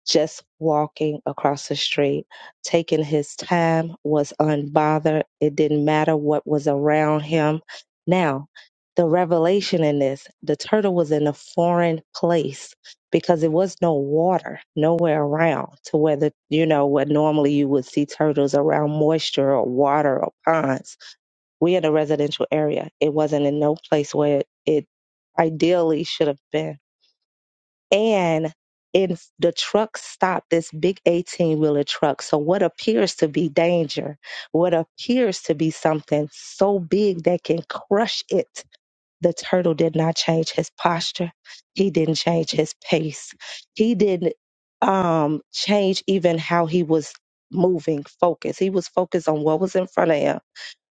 just walking across the street, taking his time, was unbothered. It didn't matter what was around him. Now, the revelation in this the turtle was in a foreign place because there was no water nowhere around to where the you know where normally you would see turtles around moisture or water or ponds we had a residential area. It wasn't in no place where it, it ideally should have been. And in the truck stopped this big 18 wheeler truck. So what appears to be danger, what appears to be something so big that can crush it. The turtle did not change his posture. He didn't change his pace. He didn't um change even how he was moving focus. He was focused on what was in front of him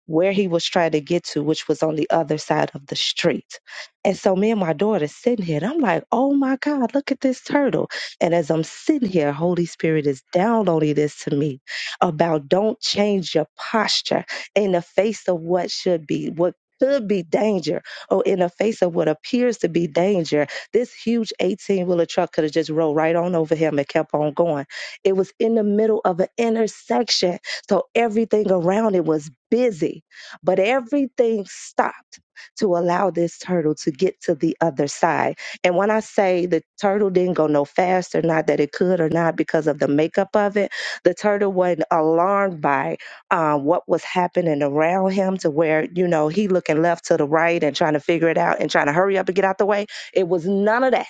where he was trying to get to, which was on the other side of the street. And so me and my daughter sitting here, and I'm like, oh my God, look at this turtle. And as I'm sitting here, Holy Spirit is downloading this to me about don't change your posture in the face of what should be, what could be danger, or in the face of what appears to be danger. This huge 18 wheeler truck could have just rolled right on over him and kept on going. It was in the middle of an intersection. So everything around it was busy, but everything stopped to allow this turtle to get to the other side. And when I say the turtle didn't go no faster, not that it could or not because of the makeup of it, the turtle wasn't alarmed by uh, what was happening around him to where, you know, he looking left to the right and trying to figure it out and trying to hurry up and get out the way. It was none of that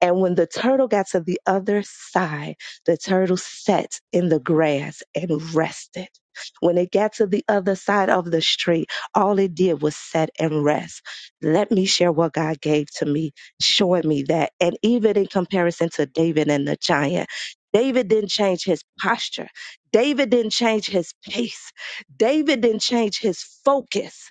and when the turtle got to the other side, the turtle sat in the grass and rested. When it got to the other side of the street, all it did was sit and rest. Let me share what God gave to me, showing me that. And even in comparison to David and the giant, David didn't change his posture. David didn't change his pace. David didn't change his focus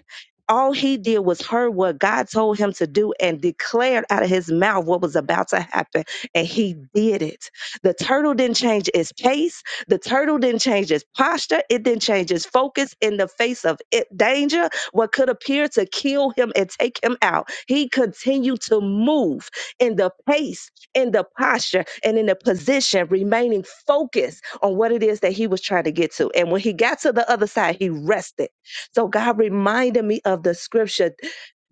all he did was heard what God told him to do and declared out of his mouth what was about to happen. And he did it. The turtle didn't change its pace. The turtle didn't change its posture. It didn't change its focus in the face of it, danger, what could appear to kill him and take him out. He continued to move in the pace, in the posture, and in the position, remaining focused on what it is that he was trying to get to. And when he got to the other side, he rested so God reminded me of the scripture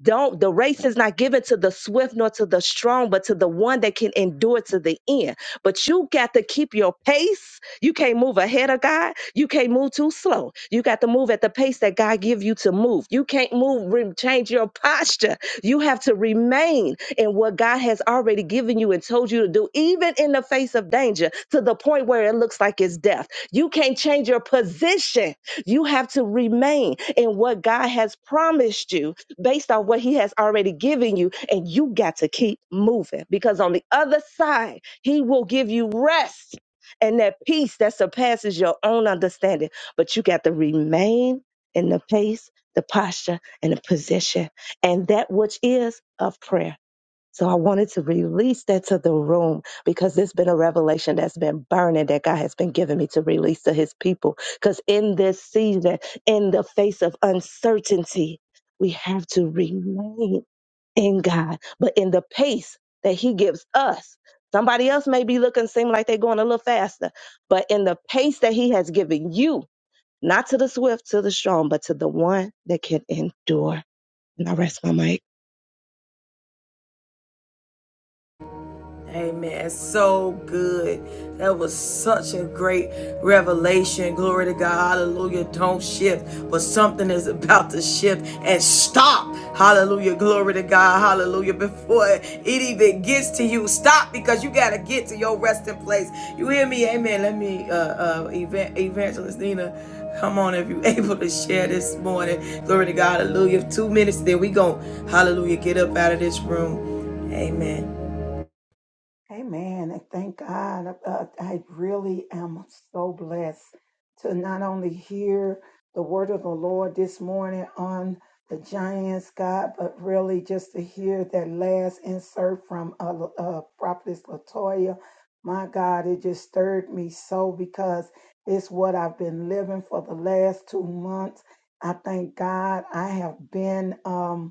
don't the race is not given to the swift nor to the strong but to the one that can endure to the end but you got to keep your pace you can't move ahead of god you can't move too slow you got to move at the pace that god give you to move you can't move re- change your posture you have to remain in what god has already given you and told you to do even in the face of danger to the point where it looks like it's death you can't change your position you have to remain in what god has promised you based on what he has already given you. And you got to keep moving because on the other side, he will give you rest and that peace that surpasses your own understanding. But you got to remain in the pace, the posture, and the position, and that which is of prayer. So I wanted to release that to the room because there's been a revelation that's been burning that God has been giving me to release to his people. Because in this season, in the face of uncertainty, we have to remain in God, but in the pace that he gives us. Somebody else may be looking, seem like they're going a little faster, but in the pace that he has given you, not to the swift, to the strong, but to the one that can endure. And I rest my mic.
Amen. So good. That was such a great revelation. Glory to God. Hallelujah. Don't shift, but something is about to shift and stop. Hallelujah. Glory to God. Hallelujah. Before it even gets to you, stop because you got to get to your resting place. You hear me? Amen. Let me, uh, uh, Evangelist Nina. Come on, if you're able to share this morning. Glory to God. Hallelujah. Two minutes, then we go. Hallelujah. Get up out of this room. Amen.
Amen. And thank God. Uh, uh, I really am so blessed to not only hear the word of the Lord this morning on the Giants, God, but really just to hear that last insert from uh, uh, Prophetess Latoya. My God, it just stirred me so because it's what I've been living for the last two months. I thank God I have been. Um,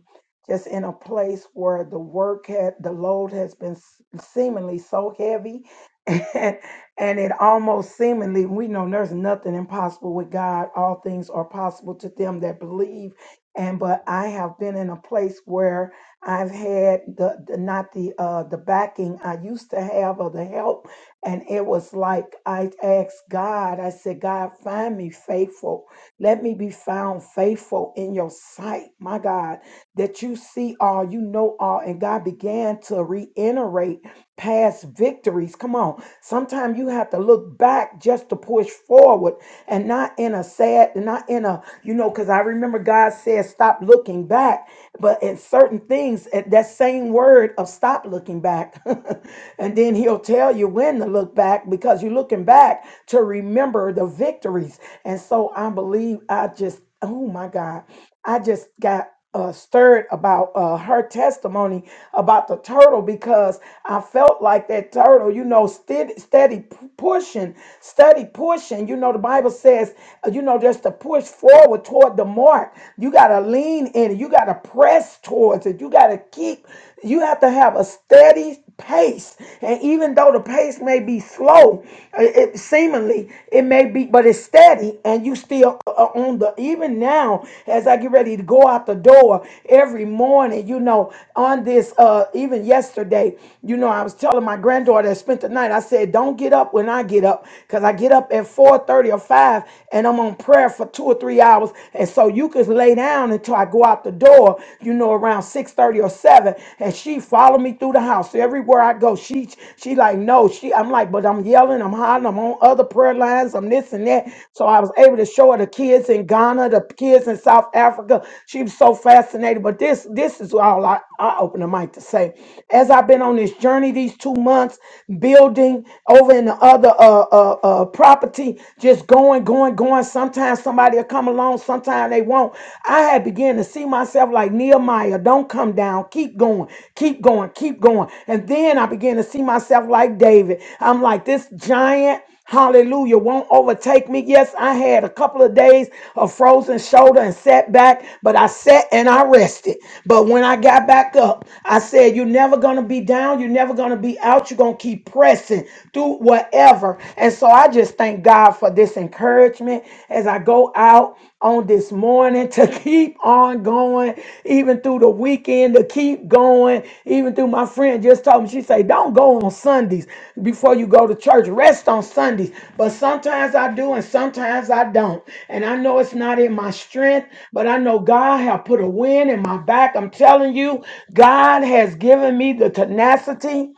just in a place where the work had the load has been s- seemingly so heavy and, and it almost seemingly we know there's nothing impossible with god all things are possible to them that believe and but i have been in a place where i've had the, the not the uh the backing i used to have or the help and it was like i asked god i said god find me faithful let me be found faithful in your sight my god that you see all, you know all. And God began to reiterate past victories. Come on. Sometimes you have to look back just to push forward and not in a sad, not in a, you know, because I remember God said, stop looking back. But in certain things, at that same word of stop looking back. and then he'll tell you when to look back because you're looking back to remember the victories. And so I believe I just, oh my God. I just got uh, stirred about uh, her testimony about the turtle because I felt like that turtle, you know, steady, steady p- pushing, steady pushing. You know, the Bible says, uh, you know, just to push forward toward the mark. You got to lean in it. You got to press towards it. You got to keep, you have to have a steady pace and even though the pace may be slow it, it- seemingly it may be but it's steady and you still are on the even now as i get ready to go out the door every morning you know on this uh even yesterday you know i was telling my granddaughter that spent the night i said don't get up when i get up because i get up at four thirty or 5 and i'm on prayer for two or three hours and so you can lay down until i go out the door you know you know, around 6:30 or 7. And she followed me through the house. Everywhere I go, she she like, no, she I'm like, but I'm yelling, I'm hollering, I'm on other prayer lines, I'm this and that. So I was able to show her the kids in Ghana, the kids in South Africa. She was so fascinated. But this this is all I, I open the mic to say. As I've been on this journey these two months, building over in the other uh, uh uh property, just going, going, going. Sometimes somebody will come come along, sometimes they won't. I had began to see myself like Nehemiah, don't come down, keep going, keep going, keep going. And then I began to see myself like David. I'm like, this giant, hallelujah, won't overtake me. Yes, I had a couple of days of frozen shoulder and setback, but I sat and I rested. But when I got back up, I said, You're never gonna be down, you're never gonna be out, you're gonna keep pressing through whatever. And so so I just thank God for this encouragement as I go out on this morning to keep on going, even through the weekend, to keep going. Even through my friend just told me, she said don't go on Sundays before you go to church. Rest on Sundays. But sometimes I do and sometimes I don't. And I know it's not in my strength, but I know God have put a wind in my back. I'm telling you, God has given me the tenacity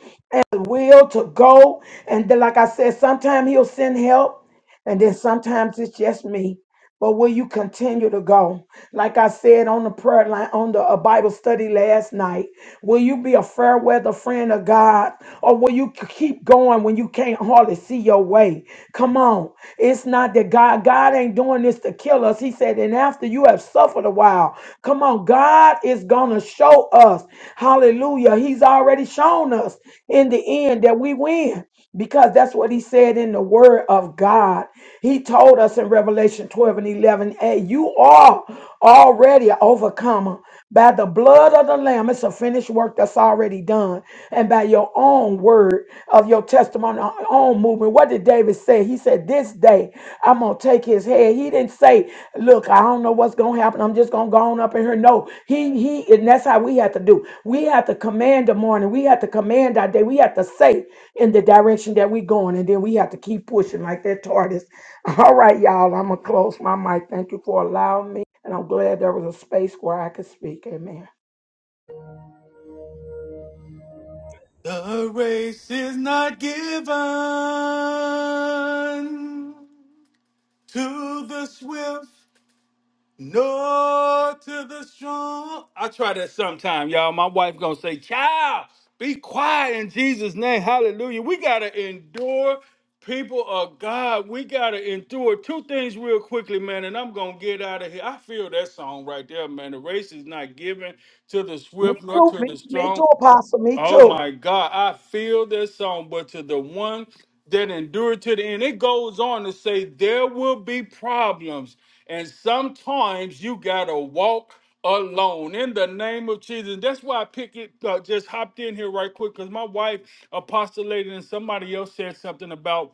the will to go. And then, like I said, sometimes he'll send help, and then sometimes it's just me. But will you continue to go? Like I said on the prayer line, on the uh, Bible study last night, Will you be a fair weather friend of God? Or will you k- keep going when you can't hardly see your way? Come on. It's not that God, God ain't doing this to kill us. He said, and after you have suffered a while, come on, God is gonna show us. Hallelujah. He's already shown us in the end that we win because that's what he said in the word of God. He told us in Revelation 12 and 11, hey, you are already an overcomer by the blood of the Lamb. It's a finished work that's already done. And by your own word of your testimony, your own movement. What did David say? He said, this day I'm going to take his head. He didn't say, look, I don't know what's going to happen. I'm just going to go on up in here. No, he, he, and that's how we have to do. We have to command the morning. We have to command our day. We have to say, in the direction that we're going, and then we have to keep pushing like that TARDIS. All right, y'all, I'm gonna close my mic. Thank you for allowing me, and I'm glad there was a space where I could speak. Amen.
The race is not given to the swift, No to the strong. I try that sometime, y'all. My wife gonna say, "Child, be quiet in Jesus' name." Hallelujah. We gotta endure. People of God, we gotta endure two things real quickly, man. And I'm gonna get out of here. I feel that song right there, man. The race is not given to the
Me
swift nor
too.
to the
Me, me
strong.
too, Apostle. Me
Oh
too.
my God, I feel this song, but to the one that endured to the end, it goes on to say there will be problems, and sometimes you gotta walk alone in the name of Jesus. That's why I pick it. Uh, just hopped in here right quick because my wife apostolated, and somebody else said something about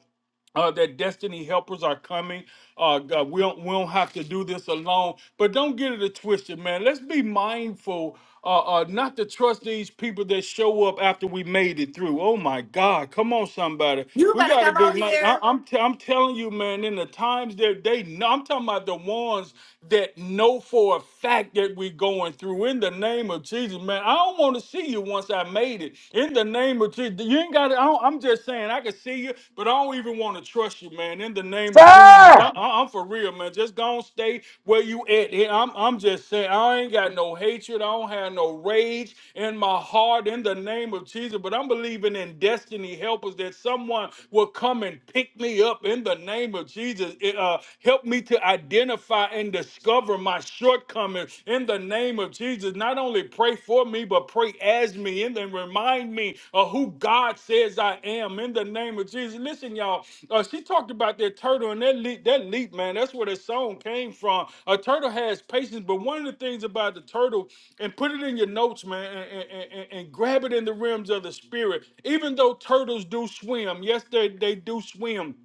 uh, that destiny helpers are coming. Uh, God, we don't we don't have to do this alone. But don't get it twisted, man. Let's be mindful. Uh, uh, not to trust these people that show up after we made it through. Oh my God! Come on, somebody.
You
We
better
got to
come
be.
on
mi- I,
here.
am i am telling you, man. In the times that they, know, I'm talking about the ones that know for a fact that we're going through. In the name of Jesus, man. I don't want to see you once I not made it. In the name of Jesus, you ain't got it. I'm just saying, I can see you, but I don't even want to trust you, man. In the name of Jesus,
Sir,
I, I- I'm for real, man. Just gonna stay where you at. And I'm, I'm just saying, I ain't got no hatred. I don't have no rage in my heart. In the name of Jesus, but I'm believing in destiny helpers that someone will come and pick me up in the name of Jesus. It, uh, help me to identify and discover my my shortcomings in the name of Jesus. Not only pray for me, but pray as me and then remind me of who God says I am in the name of Jesus. Listen, y'all, uh, she talked about that turtle and that leap, that leap, man. That's where the song came from. A turtle has patience, but one of the things about the turtle, and put it in your notes, man, and, and, and- and grab it in the realms of the spirit. Even though turtles do swim, yes, they, they do swim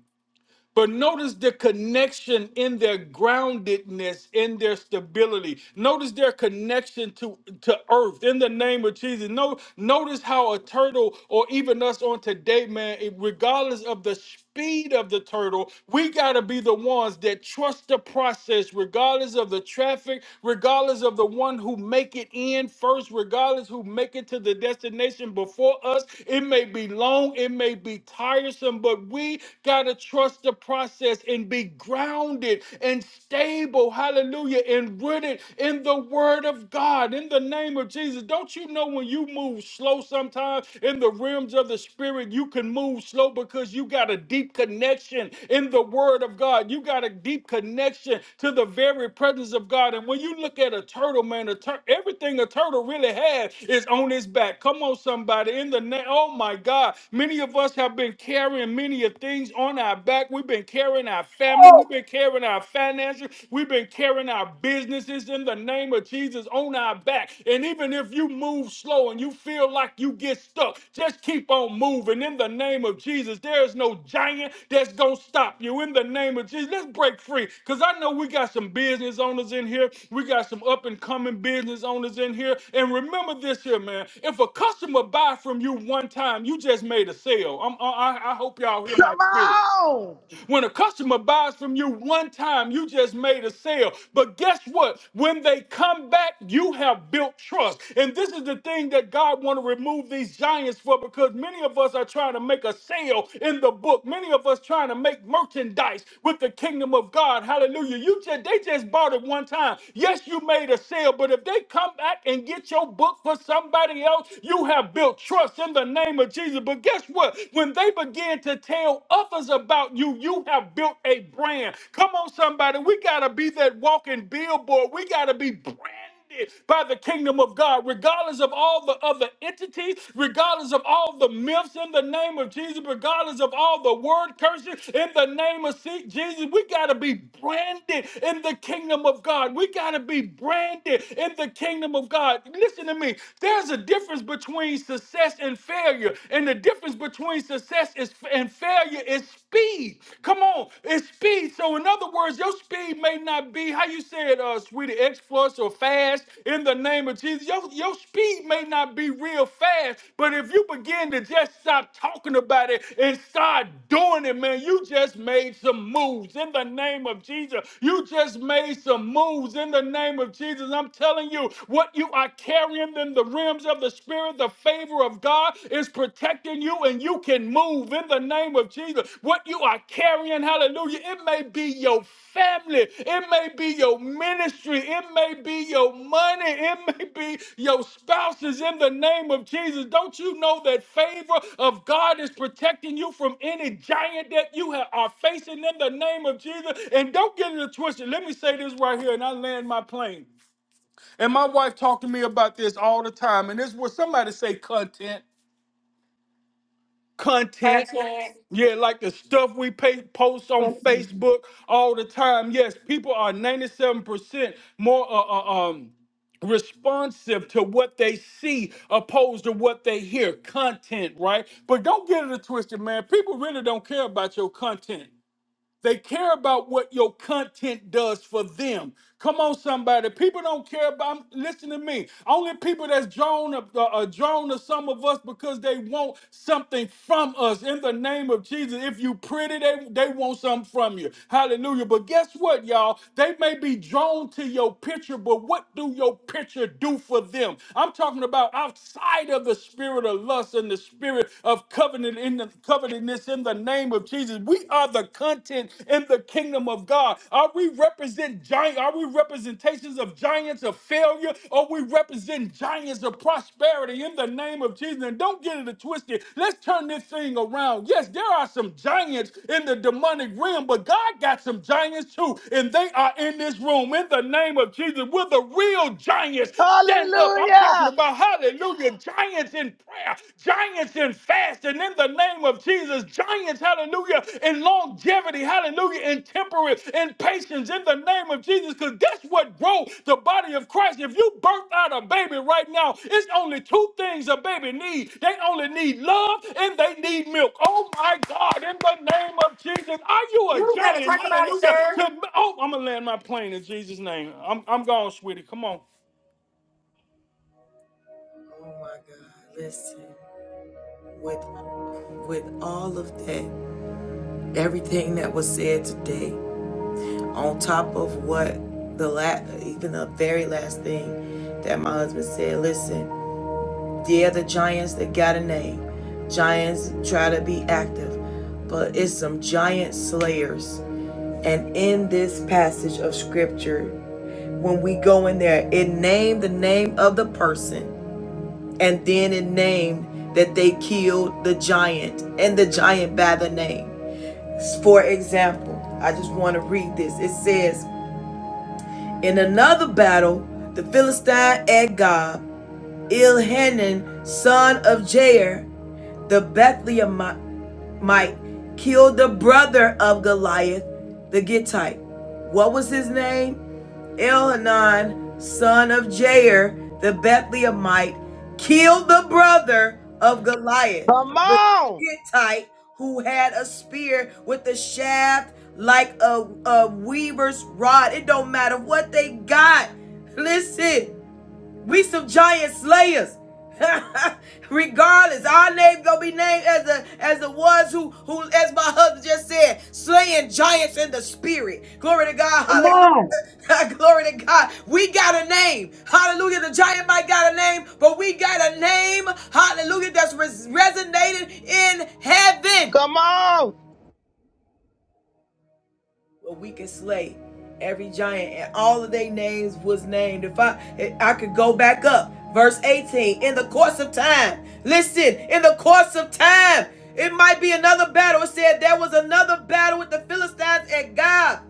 but notice the connection in their groundedness, in their stability. Notice their connection to, to earth in the name of Jesus. No, notice how a turtle, or even us on today, man, it- regardless of the speed of the turtle, we got to be the ones that trust the process, regardless of the traffic, regardless of the one who make it in first, regardless who make it to the destination before us. It may be long, it may be tiresome, but we got to trust trust the process and be grounded and stable, hallelujah, and rooted in the word of God in the name of Jesus. Don't you know when you move slow sometimes in the realms of the spirit, you can move slow because you got a deep connection in the word of God. You got a deep connection to the very presence of God. And when you look at a turtle, man, a tur- everything a turtle really has is on his back. Come on, somebody. In the name, oh my God. Many of us have been carrying many of things on our our back. We've been carrying our family.
Oh,
We've been carrying our finances. We've been carrying our businesses in the name of Jesus on our back. And even if you move slow and you feel like you get stuck, just keep on moving in the name of Jesus. There is no giant that's going to stop you in the name of Jesus. Let's break free because I know we got some business owners in here. We got some up and coming business owners in here. And remember this here, man. If a customer buy from you one time, you just made a sale. I'm, I, I I hope y'all hear my
Come
spirit.
on!
When a customer buys from you one time, you just made a sale. But guess what? When they come back, you have built trust. And this is the thing that God want to remove these giants for because many of us are trying to make a sale in the book. Many of us trying to make merchandise with the kingdom of God. Hallelujah. You just they just bought it one time. Yes, you made a sale, but if they come back and get your book for somebody else, you have built trust in the name of Jesus. But guess what? When they they begin to tell others about you, you have built a brand. Come on, somebody. We got to be that walking billboard. We got to be branded by the kingdom of God, regardless of all the other entities, regardless of all the myths in the name of Jesus, regardless of all the word curses in the name of Se- Jesus. We got to be branded in the kingdom of God. We got to be branded in the kingdom of God. Listen to me. There's a difference between success success and failure. And the difference between success is, and failure is speed. Come on, it's speed. So, in other words, your speed may not be how you said, uh, sweetie, exploits or fast in the name of Jesus. Your, your speed may not be real fast, but if you begin to just stop talking about it and start doing it, man, you just made some moves in the name of Jesus. You just made some moves in the name of Jesus. I'm telling you, what you are carrying hidden in the realms of the Spirit. The favor of God is protecting you, and you can move in the name of Jesus. What you are carrying, hallelujah, it may be your family, it may be your ministry, it may be your money, it may be your spouses in the name of Jesus. Don't you know that favor of God is protecting you from any giant that you ha- are facing in the name of Jesus? And don't get it twisted. Let me say this right here, and I land my plane. And my wife talked to me about this all the time. And this was somebody say content, content. Yeah, like the stuff we pay, post on
come on.
Facebook all the time. Yes, people are 97% more uh, uh, um, responsive to what they see opposed to what they hear. Content, right? But don't get it twisted, man. People really don't care about your content. They care about what your content does for them. Come on, somebody. People don't care about. Listen to me. Only people that's drawn of- uh, uh, drawn to some of us because they want something from us. In the name of Jesus, if you pretty, they they want something from you. Hallelujah. But guess what, y'all? They may be drawn to your picture, but what do your picture do for them? I'm talking about outside of the spirit of lust and the spirit of covenant in the covenant, covetousness in the name of Jesus. We are the content in the kingdom of God. Are we represent giant? Are we representations of giants of failure? Or we represent giants of prosperity in the name of Jesus? And don't get it twisted. Let's turn this thing around. Yes, there are some giants in the demonic realm, but God got some giants too, and they are in this room in the name of Jesus. Will the real giants stand up? I'm talking
Hallelujah!
about hallelujah giants in prayer, giants in fasting in the name of Jesus, giants, hallelujah, in longevity, hallelujah, in temperance, in patience in the name of Jesus, because that's what grow the body of Christ. If you birth out a baby right now, it's only two things a baby needs. They only need love and they need milk. Oh my God, in the name of Jesus, are you a
You better
giant?
talk about it,
Hallelujah.
sir.
To- oh, I'm going to land my plane in Jesus' name. I'm, I'm gone, sweetie. Come on.
Oh my God, listen. With with all of that, everything that was said today, on top of what the la even the very last thing that my husband said, listen, yeah, the giants that got a name. Giants try to be active, but it's some giant slayers. And in this passage of scripture, when we go in there, it named the name of the person and then it named that they killed the giant and the giant by the name. For example, I just want to read this. It says, In another battle, the Philistine Agag, Ilhanan, son of Jair, the Bethlehemite, killed the brother of Goliath, the Gittite. What was his name? Elhanan, son of Jair, the Bethlehemite, killed the brother of Goliath,
Come
the
on!
Gittite, who had a spear with a shaft like a, a weaver's rod. It don't matter what they got. Listen, we some giant slayers. Regardless, our name gonna be named as the as the ones who who, as my husband just said, slaying giants in the spirit. Glory to God, hallelujah. Glory to God. We got a name. Hallelujah. The giant might got a name, but we got a name. Hallelujah. That's res- resonated in heaven.
Come on!
where we could slay every giant and all of their names was named if i if i could go back up verse 18 in the course of time listen in the course of time it might be another battle it said there was another battle with the philistines at god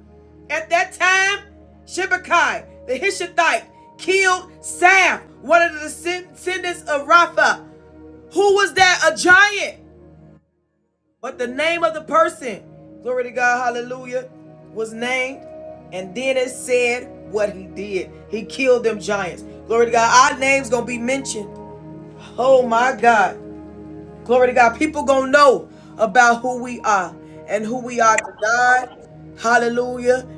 at that time Shibakai, the Hishitite, killed Saf, one of the descendants of Rapha. Who was that? A giant. But the name of the person, glory to God, hallelujah, was named. And then it said what he did. He killed them giants. Glory to God. Our name's gonna be mentioned. Oh my God. Glory to God. People gonna know about who we are and who we are to God. Hallelujah.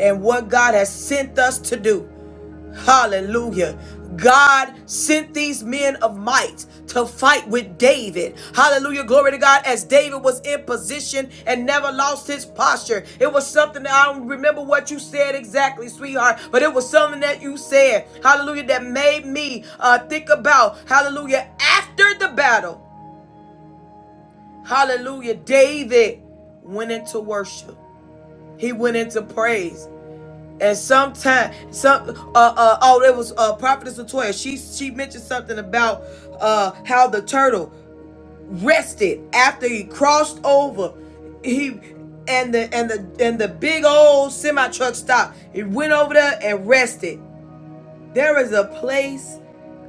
And what God has sent us to do. Hallelujah. God sent these men of might to fight with David. Hallelujah. Glory to God. As David was in position and never lost his posture. It was something that I don't remember what you said exactly, sweetheart, but it was something that you said. Hallelujah. That made me uh, think about, hallelujah, after the battle. Hallelujah. David went into worship. He went into praise. And sometime, some uh, uh oh, it was uh prophetess Latoya. She she mentioned something about uh how the turtle rested after he crossed over. He and the and the and the big old semi truck stopped. It went over there and rested. There is a place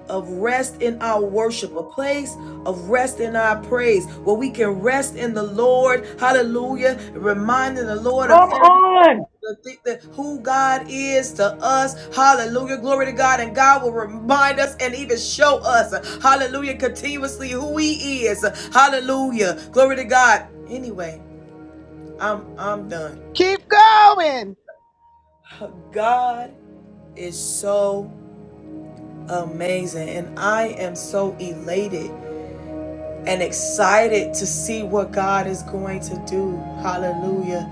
of rest in our worship, a place of rest in our praise, where we can rest in the Lord. Hallelujah. Reminding the Lord
Come
of everything.
on.
The, who God is to us, hallelujah, glory to God, and God will remind us and even show us, hallelujah, continuously who He is, hallelujah, glory to God. Anyway, I'm I'm done.
Keep going!
God is so amazing, and I am so elated and excited to see what God is going to do. Hallelujah.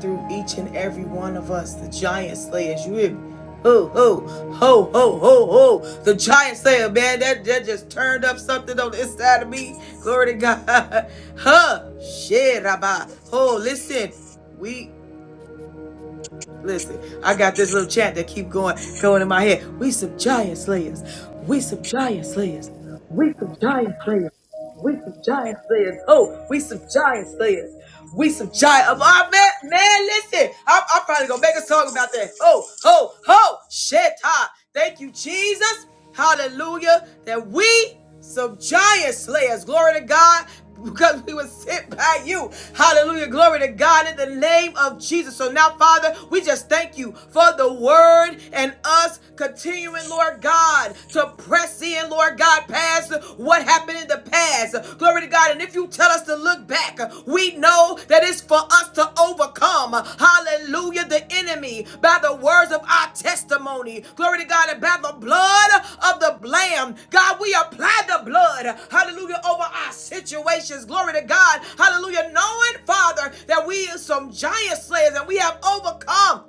Through each and every one of us, the giant slayers. You hear me? Ho, ho, ho, ho, ho, ho. The giant slayer, man. That, that just turned up something on the inside of me. Glory to God. Huh. Shit, Rabbi. Oh, listen. We Listen, I got this little chat that keep going going in my head. We some giant slayers. We some giant slayers. We some giant slayers. We some giant slayers. Oh, we some giant slayers. We some giant. Oh, man, man, listen. I'm, I'm probably gonna make a song about that. Oh, ho, ho, ho, shit, Thank you, Jesus. Hallelujah. That we some giant slayers. Glory to God. Because we were sent by you. Hallelujah. Glory to God in the name of Jesus. So now, Father, we just thank you for the word and us continuing, Lord God, to press in, Lord God, past what happened in the past. Glory to God. And if you tell us to look back, we know that it's for us to overcome, hallelujah, the enemy by the words of our testimony. Glory to God, and by the blood of the Lamb. God, we apply the blood, hallelujah, over our situations. Glory to God, hallelujah, knowing, Father, that we are some giant slayers and we have overcome.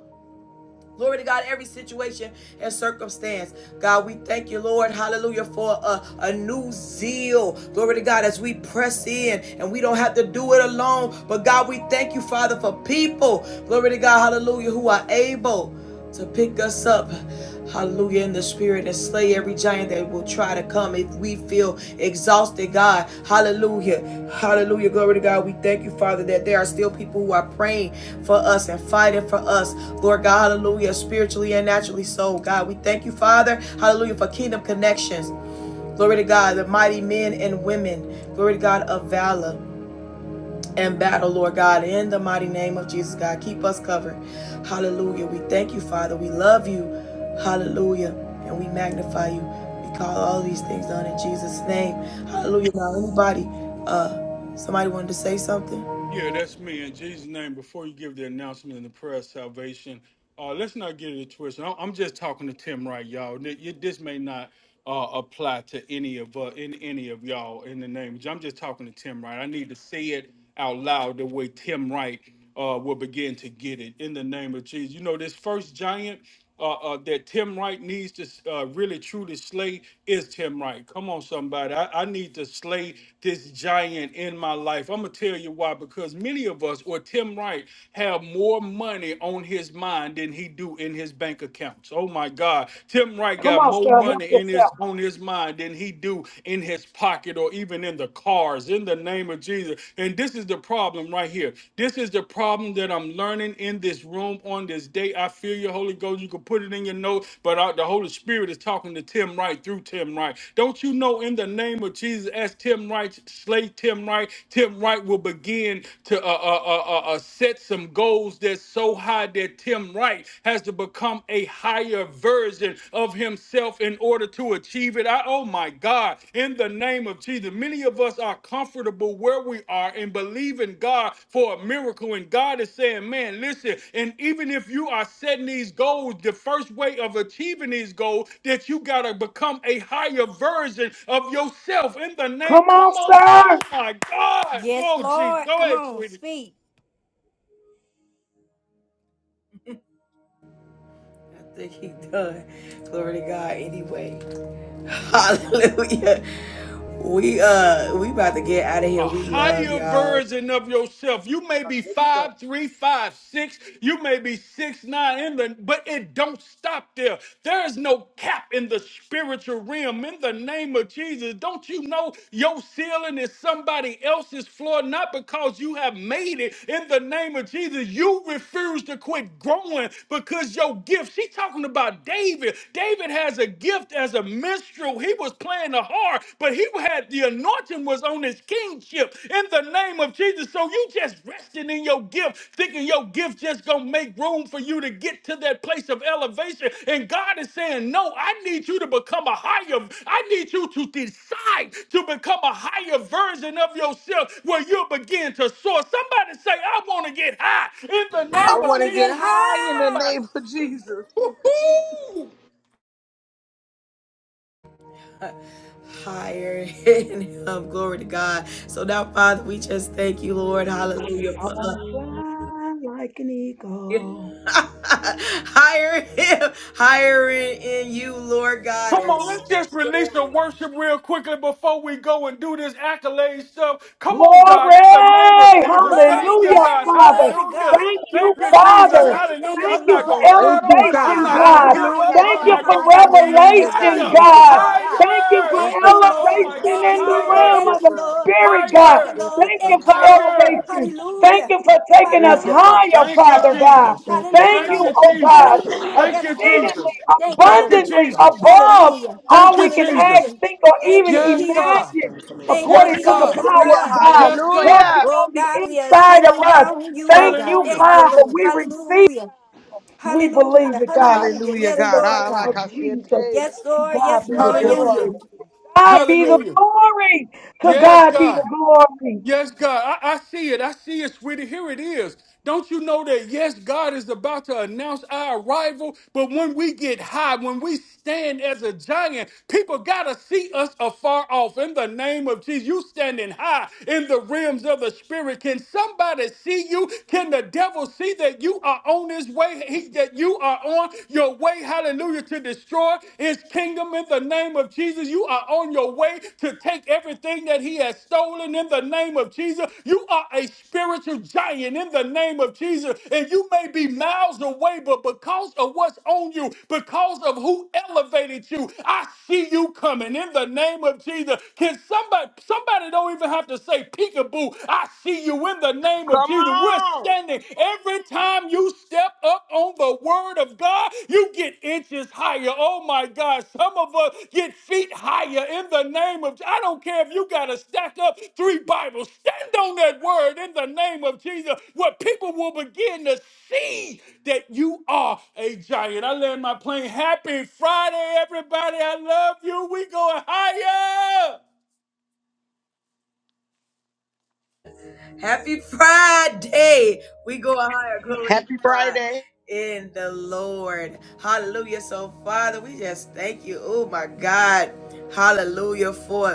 Glory to God, every situation and circumstance. God, we thank you, Lord, hallelujah, for a, a new zeal. Glory to God, as we press in and we don't have to do it alone. But God, we thank you, Father, for people. Glory to God, hallelujah, who are able to pick us up, hallelujah, in the spirit and slay every giant that will try to come if we feel exhausted, God. Hallelujah. Hallelujah. Glory to God. We thank you, Father, that there are still people who are praying for us and fighting for us, Lord God. Hallelujah. Spiritually and naturally so, God. We thank you, Father. Hallelujah. For kingdom connections. Glory to God. The mighty men and women. Glory to God of valor and battle, Lord God, in the mighty name of Jesus, God. Keep us covered. Hallelujah. We thank you, Father. We love you. Hallelujah. And we magnify you. We call all these things done in Jesus' name. Hallelujah. Now, anybody, uh, somebody wanted to say something?
Yeah, that's me. In Jesus' name, before you give the announcement and the prayer of salvation, uh, let's not get it twisted. I'm I'm just talking to Tim right, y'all. Th- you- This may not uh, apply to any of uh, in any of y'all in the name. I'm just talking to Tim right. I need to say it out loud the way Tim Wright uh, will begin to get it in the name of Jesus. You know, this first giant uh, uh, that Tim Wright needs to uh, really truly slay is Tim Wright. Come on, somebody. I, I need to slay this giant in my life. I'm going to tell you why. Because many of us, or Tim Wright, have more money on his mind than he do in his bank accounts. Oh, my God. Tim Wright
Come
got
on,
more
sir.
money
Help
in
yourself.
his on his mind than he do in his pocket or even in the cars. In the name of Jesus. Jesus. And this is the problem right here. This is the problem that I'm learning in this room on this day. I feel your Holy Ghost. You can put it in your note, but I- the Holy Spirit is talking to Tim Wright through Tim Wright. Don't you know in the name of Jesus, as Tim Wright slay Tim Wright, Tim Wright will begin to uh, uh, uh, uh, uh, set some goals that's so high that Tim Wright has to become a higher version of himself in order to achieve it. I, oh my God, in the name of Jesus, many of us are comfortable where we are and believe in God for a miracle. And God is saying, man, listen, and even if you are setting these goals, the first way of achieving these goals, that you got to become a higher version of yourself in the name.
Come
Come
on,
on, say, oh
sir.
my God.
Yes,
Oh, geez.
Lord.
Go
Come
ahead,
on,
sweetie.
speak.
I think he done. Glory to God anyway. Hallelujah. We uh we about to get out of here.
a
We love
higher
y'all.
version of yourself. You may be five, three, five, six. You may be six, nine, in the, but it don't stop there. There is no cap in the spiritual realm. In the name of Jesus, don't you know your ceiling is somebody else's floor? Not because you have made it. In the name of Jesus, you refuse to quit growing because your gift. She's talking about David. David has a gift as a minstrel. Israel, he was playing the harp, but he had the anointing was on his kingship in the name of Jesus. So you just resting in your gift, thinking your gift just gonna make room for you to get to that place of elevation. And God is saying, No, I need you to become a higher, I need you to decide to become a higher version of yourself where you'll begin to soar. Somebody say, I want to get high in the
I
I
name of
want
want to
to
get
get
Jesus. Come
high in
on,
the
high.
somebody.
name of Jesus.
Woo-hoo!
higher in him. Glory to God. So now, Father, we just thank you, Lord. Hallelujah.
I
For
want to
us.
fly like an eagle.
higher him, higher in, in you, Lord God.
Come on, let's just release the worship real quickly before we go and do this accolade stuff. Come on, God, in the name of
Glory!
Jesus,
Glory,
thank you,
Hallelujah,
God.
glory,
Father.
glory,
Hallelujah.
God.
Thank you,
Thank you,
Glory,
Jesus.
Father.
glory.
Hallelujah.
Thank
Thank
I'm
you,
you
not
for
going
Lord,
to
Thank
settle.
you,
for the
I'm
God.
elevation,
not going
higher,
to
God.
give up.
higher,
Hallelujah,
Thank
I'm
you
going
not
for
Jesus.
going to
higher
give in.
depths,
Hallelujah,
depths
God.
revelation,
in
Higher,
Thank you,
you,
God.
oh
Father.
God.
Thank you
higher
for
in
Thank
Thank you,
the
you,
name.
Father.
Oh,
Lord.
my
elevation
Thank
God,
you,
in the
Lord.
Thank
higher,
realm
you,
Thank
of
you,
the
Father.
Lord.
Spirit,
Thank
God.
you,
higher,
Thank
Lord.
you,
Thank
Father.
Thank
you for
you, Lord.
higher.
elevation. Thank
Hallelujah.
you for taking us
Thank you,
Hallelujah.
Father.
higher,
Thank you,
Thank you,
Father
Lord.
God.
Jesus.
Thank you,
Thank
Thank
Hallelujah.
you,
Father.
you,
oh
Jesus.
God,
Hallelujah.
Thank you,
Yes, Lord.
Jesus.
exceedingly,
Thank you,
Thank you,
Lord.
abundantly
Jesus.
above
Hallelujah.
Thank
all
you,
we can ask,
Jesus.
Hallelujah.
think, or
Thank
even
you,
Yes, God.
Jesus.
imagine
Thank you,
Yes,
according to the
God.
Jesus,
power
Hallelujah,
God.
of God
Yes, God.
working
hallelujah.
Oh
on the
God, we are
inside of
sitting
us.
down you, oh
Thank
God.
you,
Hallelujah.
Thank you,
Father.
Lord.
We receive.
Hallelujah.
We believe
Hallelujah.
it, God.
Hallelujah.
Hallelujah,
In
Yes,
the
God.
Lord
Ah,
name
like
of
God.
I said,
Jesus,
hey, yeah.
Yes,
to
Lord.
God
Yes,
be the
Yes,
Lord.
God.
Yes,
Hallelujah.
glory.
Lord.
God
Yes,
be the
Lord.
Hallelujah.
glory. To
Yes,
God be the
God.
glory.
Yes, God. I, I see it. I see it, sweetie. Here it is. Don't you know that, yes, God is about to announce our arrival? But when we get high, when we stand as a giant, people got to see us afar off. In the name of Jesus, you standing high in the realms of the Spirit. Can somebody see you? Can the devil see that you are on his way, he, that you are on your way, hallelujah, to destroy? his kingdom in the name of Jesus. You are on your way to take everything that he has stolen in the name of Jesus. You are a spiritual giant in the name of Jesus. And you may be miles away, but because of what's on you, because of who elevated you, I see you coming in the name of Jesus. Can somebody, somebody don't even have to say peekaboo. I see you in the name of
Come
Jesus. We're
on.
standing morning. Every time you step up on the word of God, you get inches higher. Oh my God. Some of us get feet higher in the name of I don't care if you gotta stack up three Bibles. Stand on that word in the name of Jesus, where people will begin to see that you are a giant. I land my plane. Happy Friday, everybody. I love you. We going higher.
happy Friday. We go higher. Glory to
Happy
God.
Friday.
In the Lord. Hallelujah. So, Father, we just thank you. Oh, my God. Hallelujah. For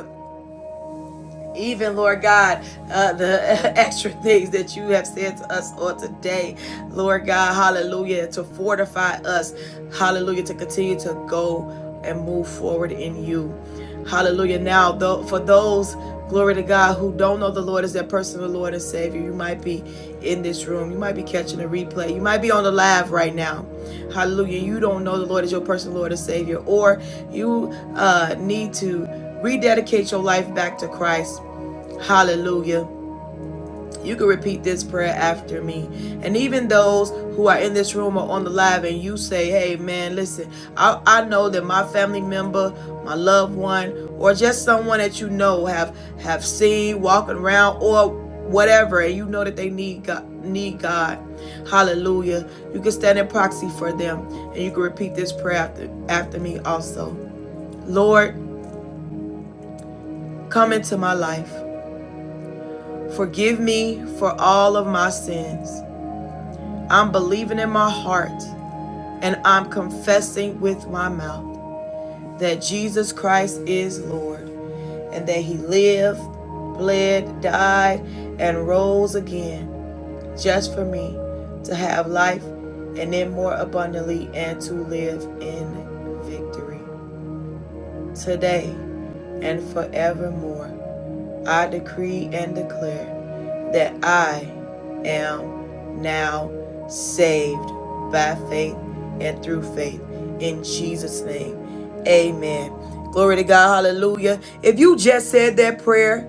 even Lord God, uh, the extra things that you have said to us on today, Lord God, hallelujah, to fortify us, hallelujah, to continue to go and move forward in you, hallelujah. Now, though, for those, glory to God, who don't know the Lord as their personal Lord and Savior, you might be in this room, you might be catching a replay, you might be on the live right now, hallelujah. You don't know the Lord as your personal Lord and Savior, or you uh, need to rededicate your life back to Christ. Hallelujah. You can repeat this prayer after me. And even those who are in this room or on the live, and you say, hey, man, listen, I, I know that my family member, my loved one, or just someone that you know have have seen walking around or whatever, and you know that they need God. Need God. Hallelujah. You can stand in proxy for them, and you can repeat this prayer after, after me also. Lord, come into my life. Forgive me for all of my sins. I'm believing in my heart and I'm confessing with my mouth that Jesus Christ is Lord and that He lived, bled, died, and rose again just for me to have life and then more abundantly and to live in victory. Today and forevermore, I decree and declare. that I am now saved by faith and through faith in Jesus' name. Amen. Glory to God. Hallelujah. If you just said that prayer,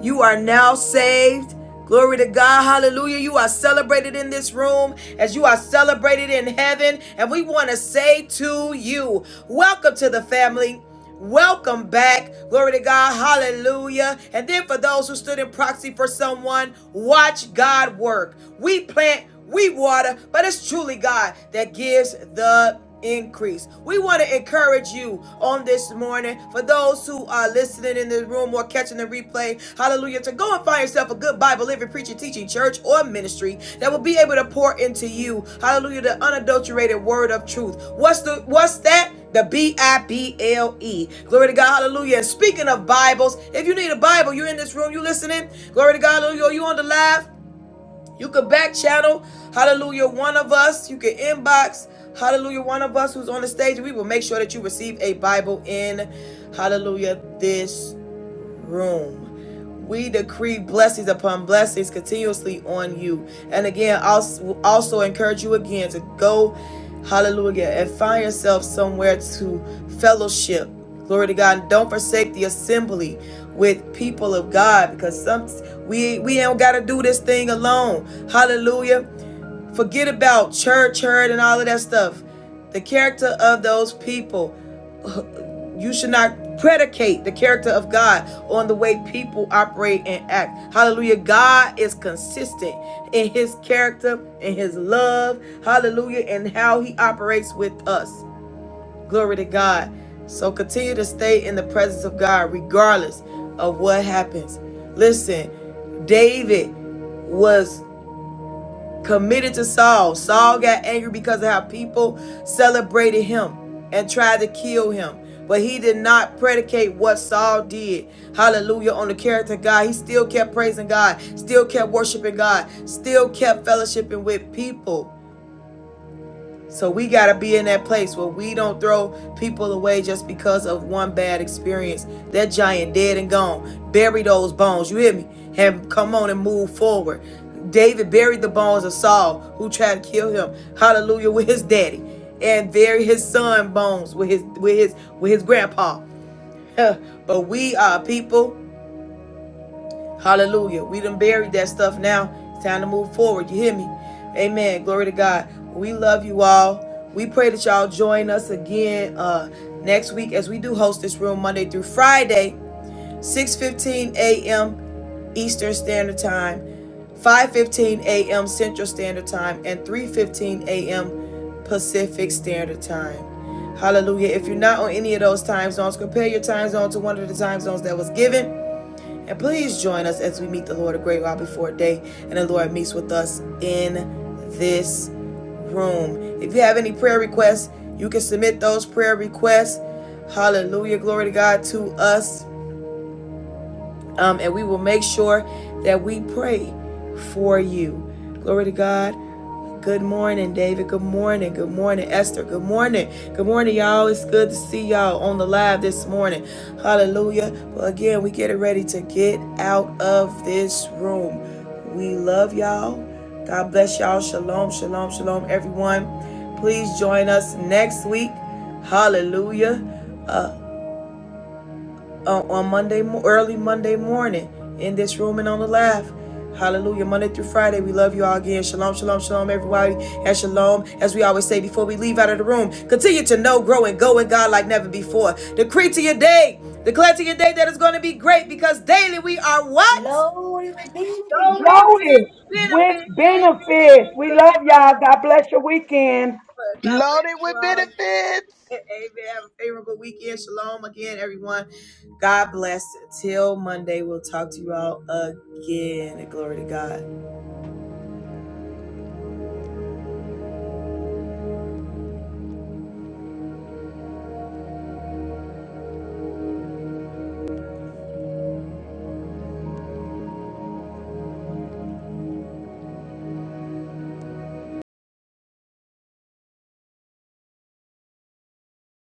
you are now saved. Glory to God. Hallelujah. You are celebrated in this room as you are celebrated in heaven. And we want to say to you, welcome to the family. Welcome back. Glory to God. Hallelujah. And then for those who stood in proxy for someone, watch God work. We plant, we water, but it's truly God that gives the increase. We want to encourage you on this morning for those who are listening in the room or catching the replay. Hallelujah. To go and find yourself a good Bible, living, preaching, teaching church or ministry that will be able to pour into you. Hallelujah. The unadulterated word of truth. What's the what's that? The B I B L E. Glory to God. Hallelujah. And speaking of Bibles, if you need a Bible, you're in this room, you listening. Glory to God. Hallelujah. You on the live? You could back channel, hallelujah, one of us. You can inbox, hallelujah, one of us who's on the stage. We will make sure that you receive a Bible in, hallelujah, this room. We decree blessings upon blessings continuously on you. And again, also, also encourage you again to go, hallelujah, and find yourself somewhere to fellowship. Glory to God. And don't forsake the assembly with people of God because some we we ain't gotta do this thing alone. Hallelujah. Forget about church hurt and all of that stuff the character of those people. You should not predicate the character of God on the way people operate and act. Hallelujah. God is consistent in his character, in his love. Hallelujah. And how he operates with us. Glory to God. So continue to stay in the presence of God regardless of what happens. Listen, David was committed to Saul. Saul got angry because of how people celebrated him and tried to kill him. But he did not predicate what Saul did. Hallelujah. On the character of God. He still kept praising God, still kept worshiping God, still kept fellowshipping with people. So we got to be in that place where we don't throw people away just because of one bad experience. That giant dead and gone. Bury those bones. You hear me? Have come on and move forward. David buried the bones of Saul who tried to kill him. Hallelujah with his daddy and bury his son bones with his with his with his grandpa. but we are people Hallelujah. We done buried that stuff now. It's time to move forward. You hear me? Amen. Glory to God. We love you all. We pray that y'all join us again uh, next week as we do host this room Monday through Friday, 6:15 a.m. Eastern Standard Time, 5:15 a.m. Central Standard Time, and 3:15 a.m. Pacific Standard Time. Hallelujah. If you're not on any of those time zones, compare your time zone to one of the time zones that was given and please join us as we meet the Lord a great while before day and the Lord meets with us in this room. If you have any prayer requests, you can submit those prayer requests. Hallelujah. Glory to God to us um, and we will make sure that we pray for you. Glory to God. Good morning, David. Good morning. Good morning, Esther. Good morning. Good morning, y'all. It's good to see y'all on the live this morning. Hallelujah. Well, again, we get it ready to get out of this room. We love y'all. God bless y'all. Shalom, shalom, shalom, everyone. Please join us next week. Hallelujah. Uh, uh, on Monday, early Monday morning in this room and on the live. Hallelujah. Monday through Friday, we love you all again. Shalom, shalom, shalom, everybody. And shalom, as we always say before we leave out of the room, continue to know, grow, and go in God like never before. Decree to your day, declare to your day that it's going to be great because daily we are what?
Lord, we
Loaded
redeem it.
Loaded
with
with
benefits.
benefits. We love
All
y'all.
right.
God bless your weekend.
God bless
Loaded
you
with
all.
benefits.
Amen. Have a favorable weekend. Shalom again, everyone. God bless. Till Monday, we'll talk to you all again. Glory to God.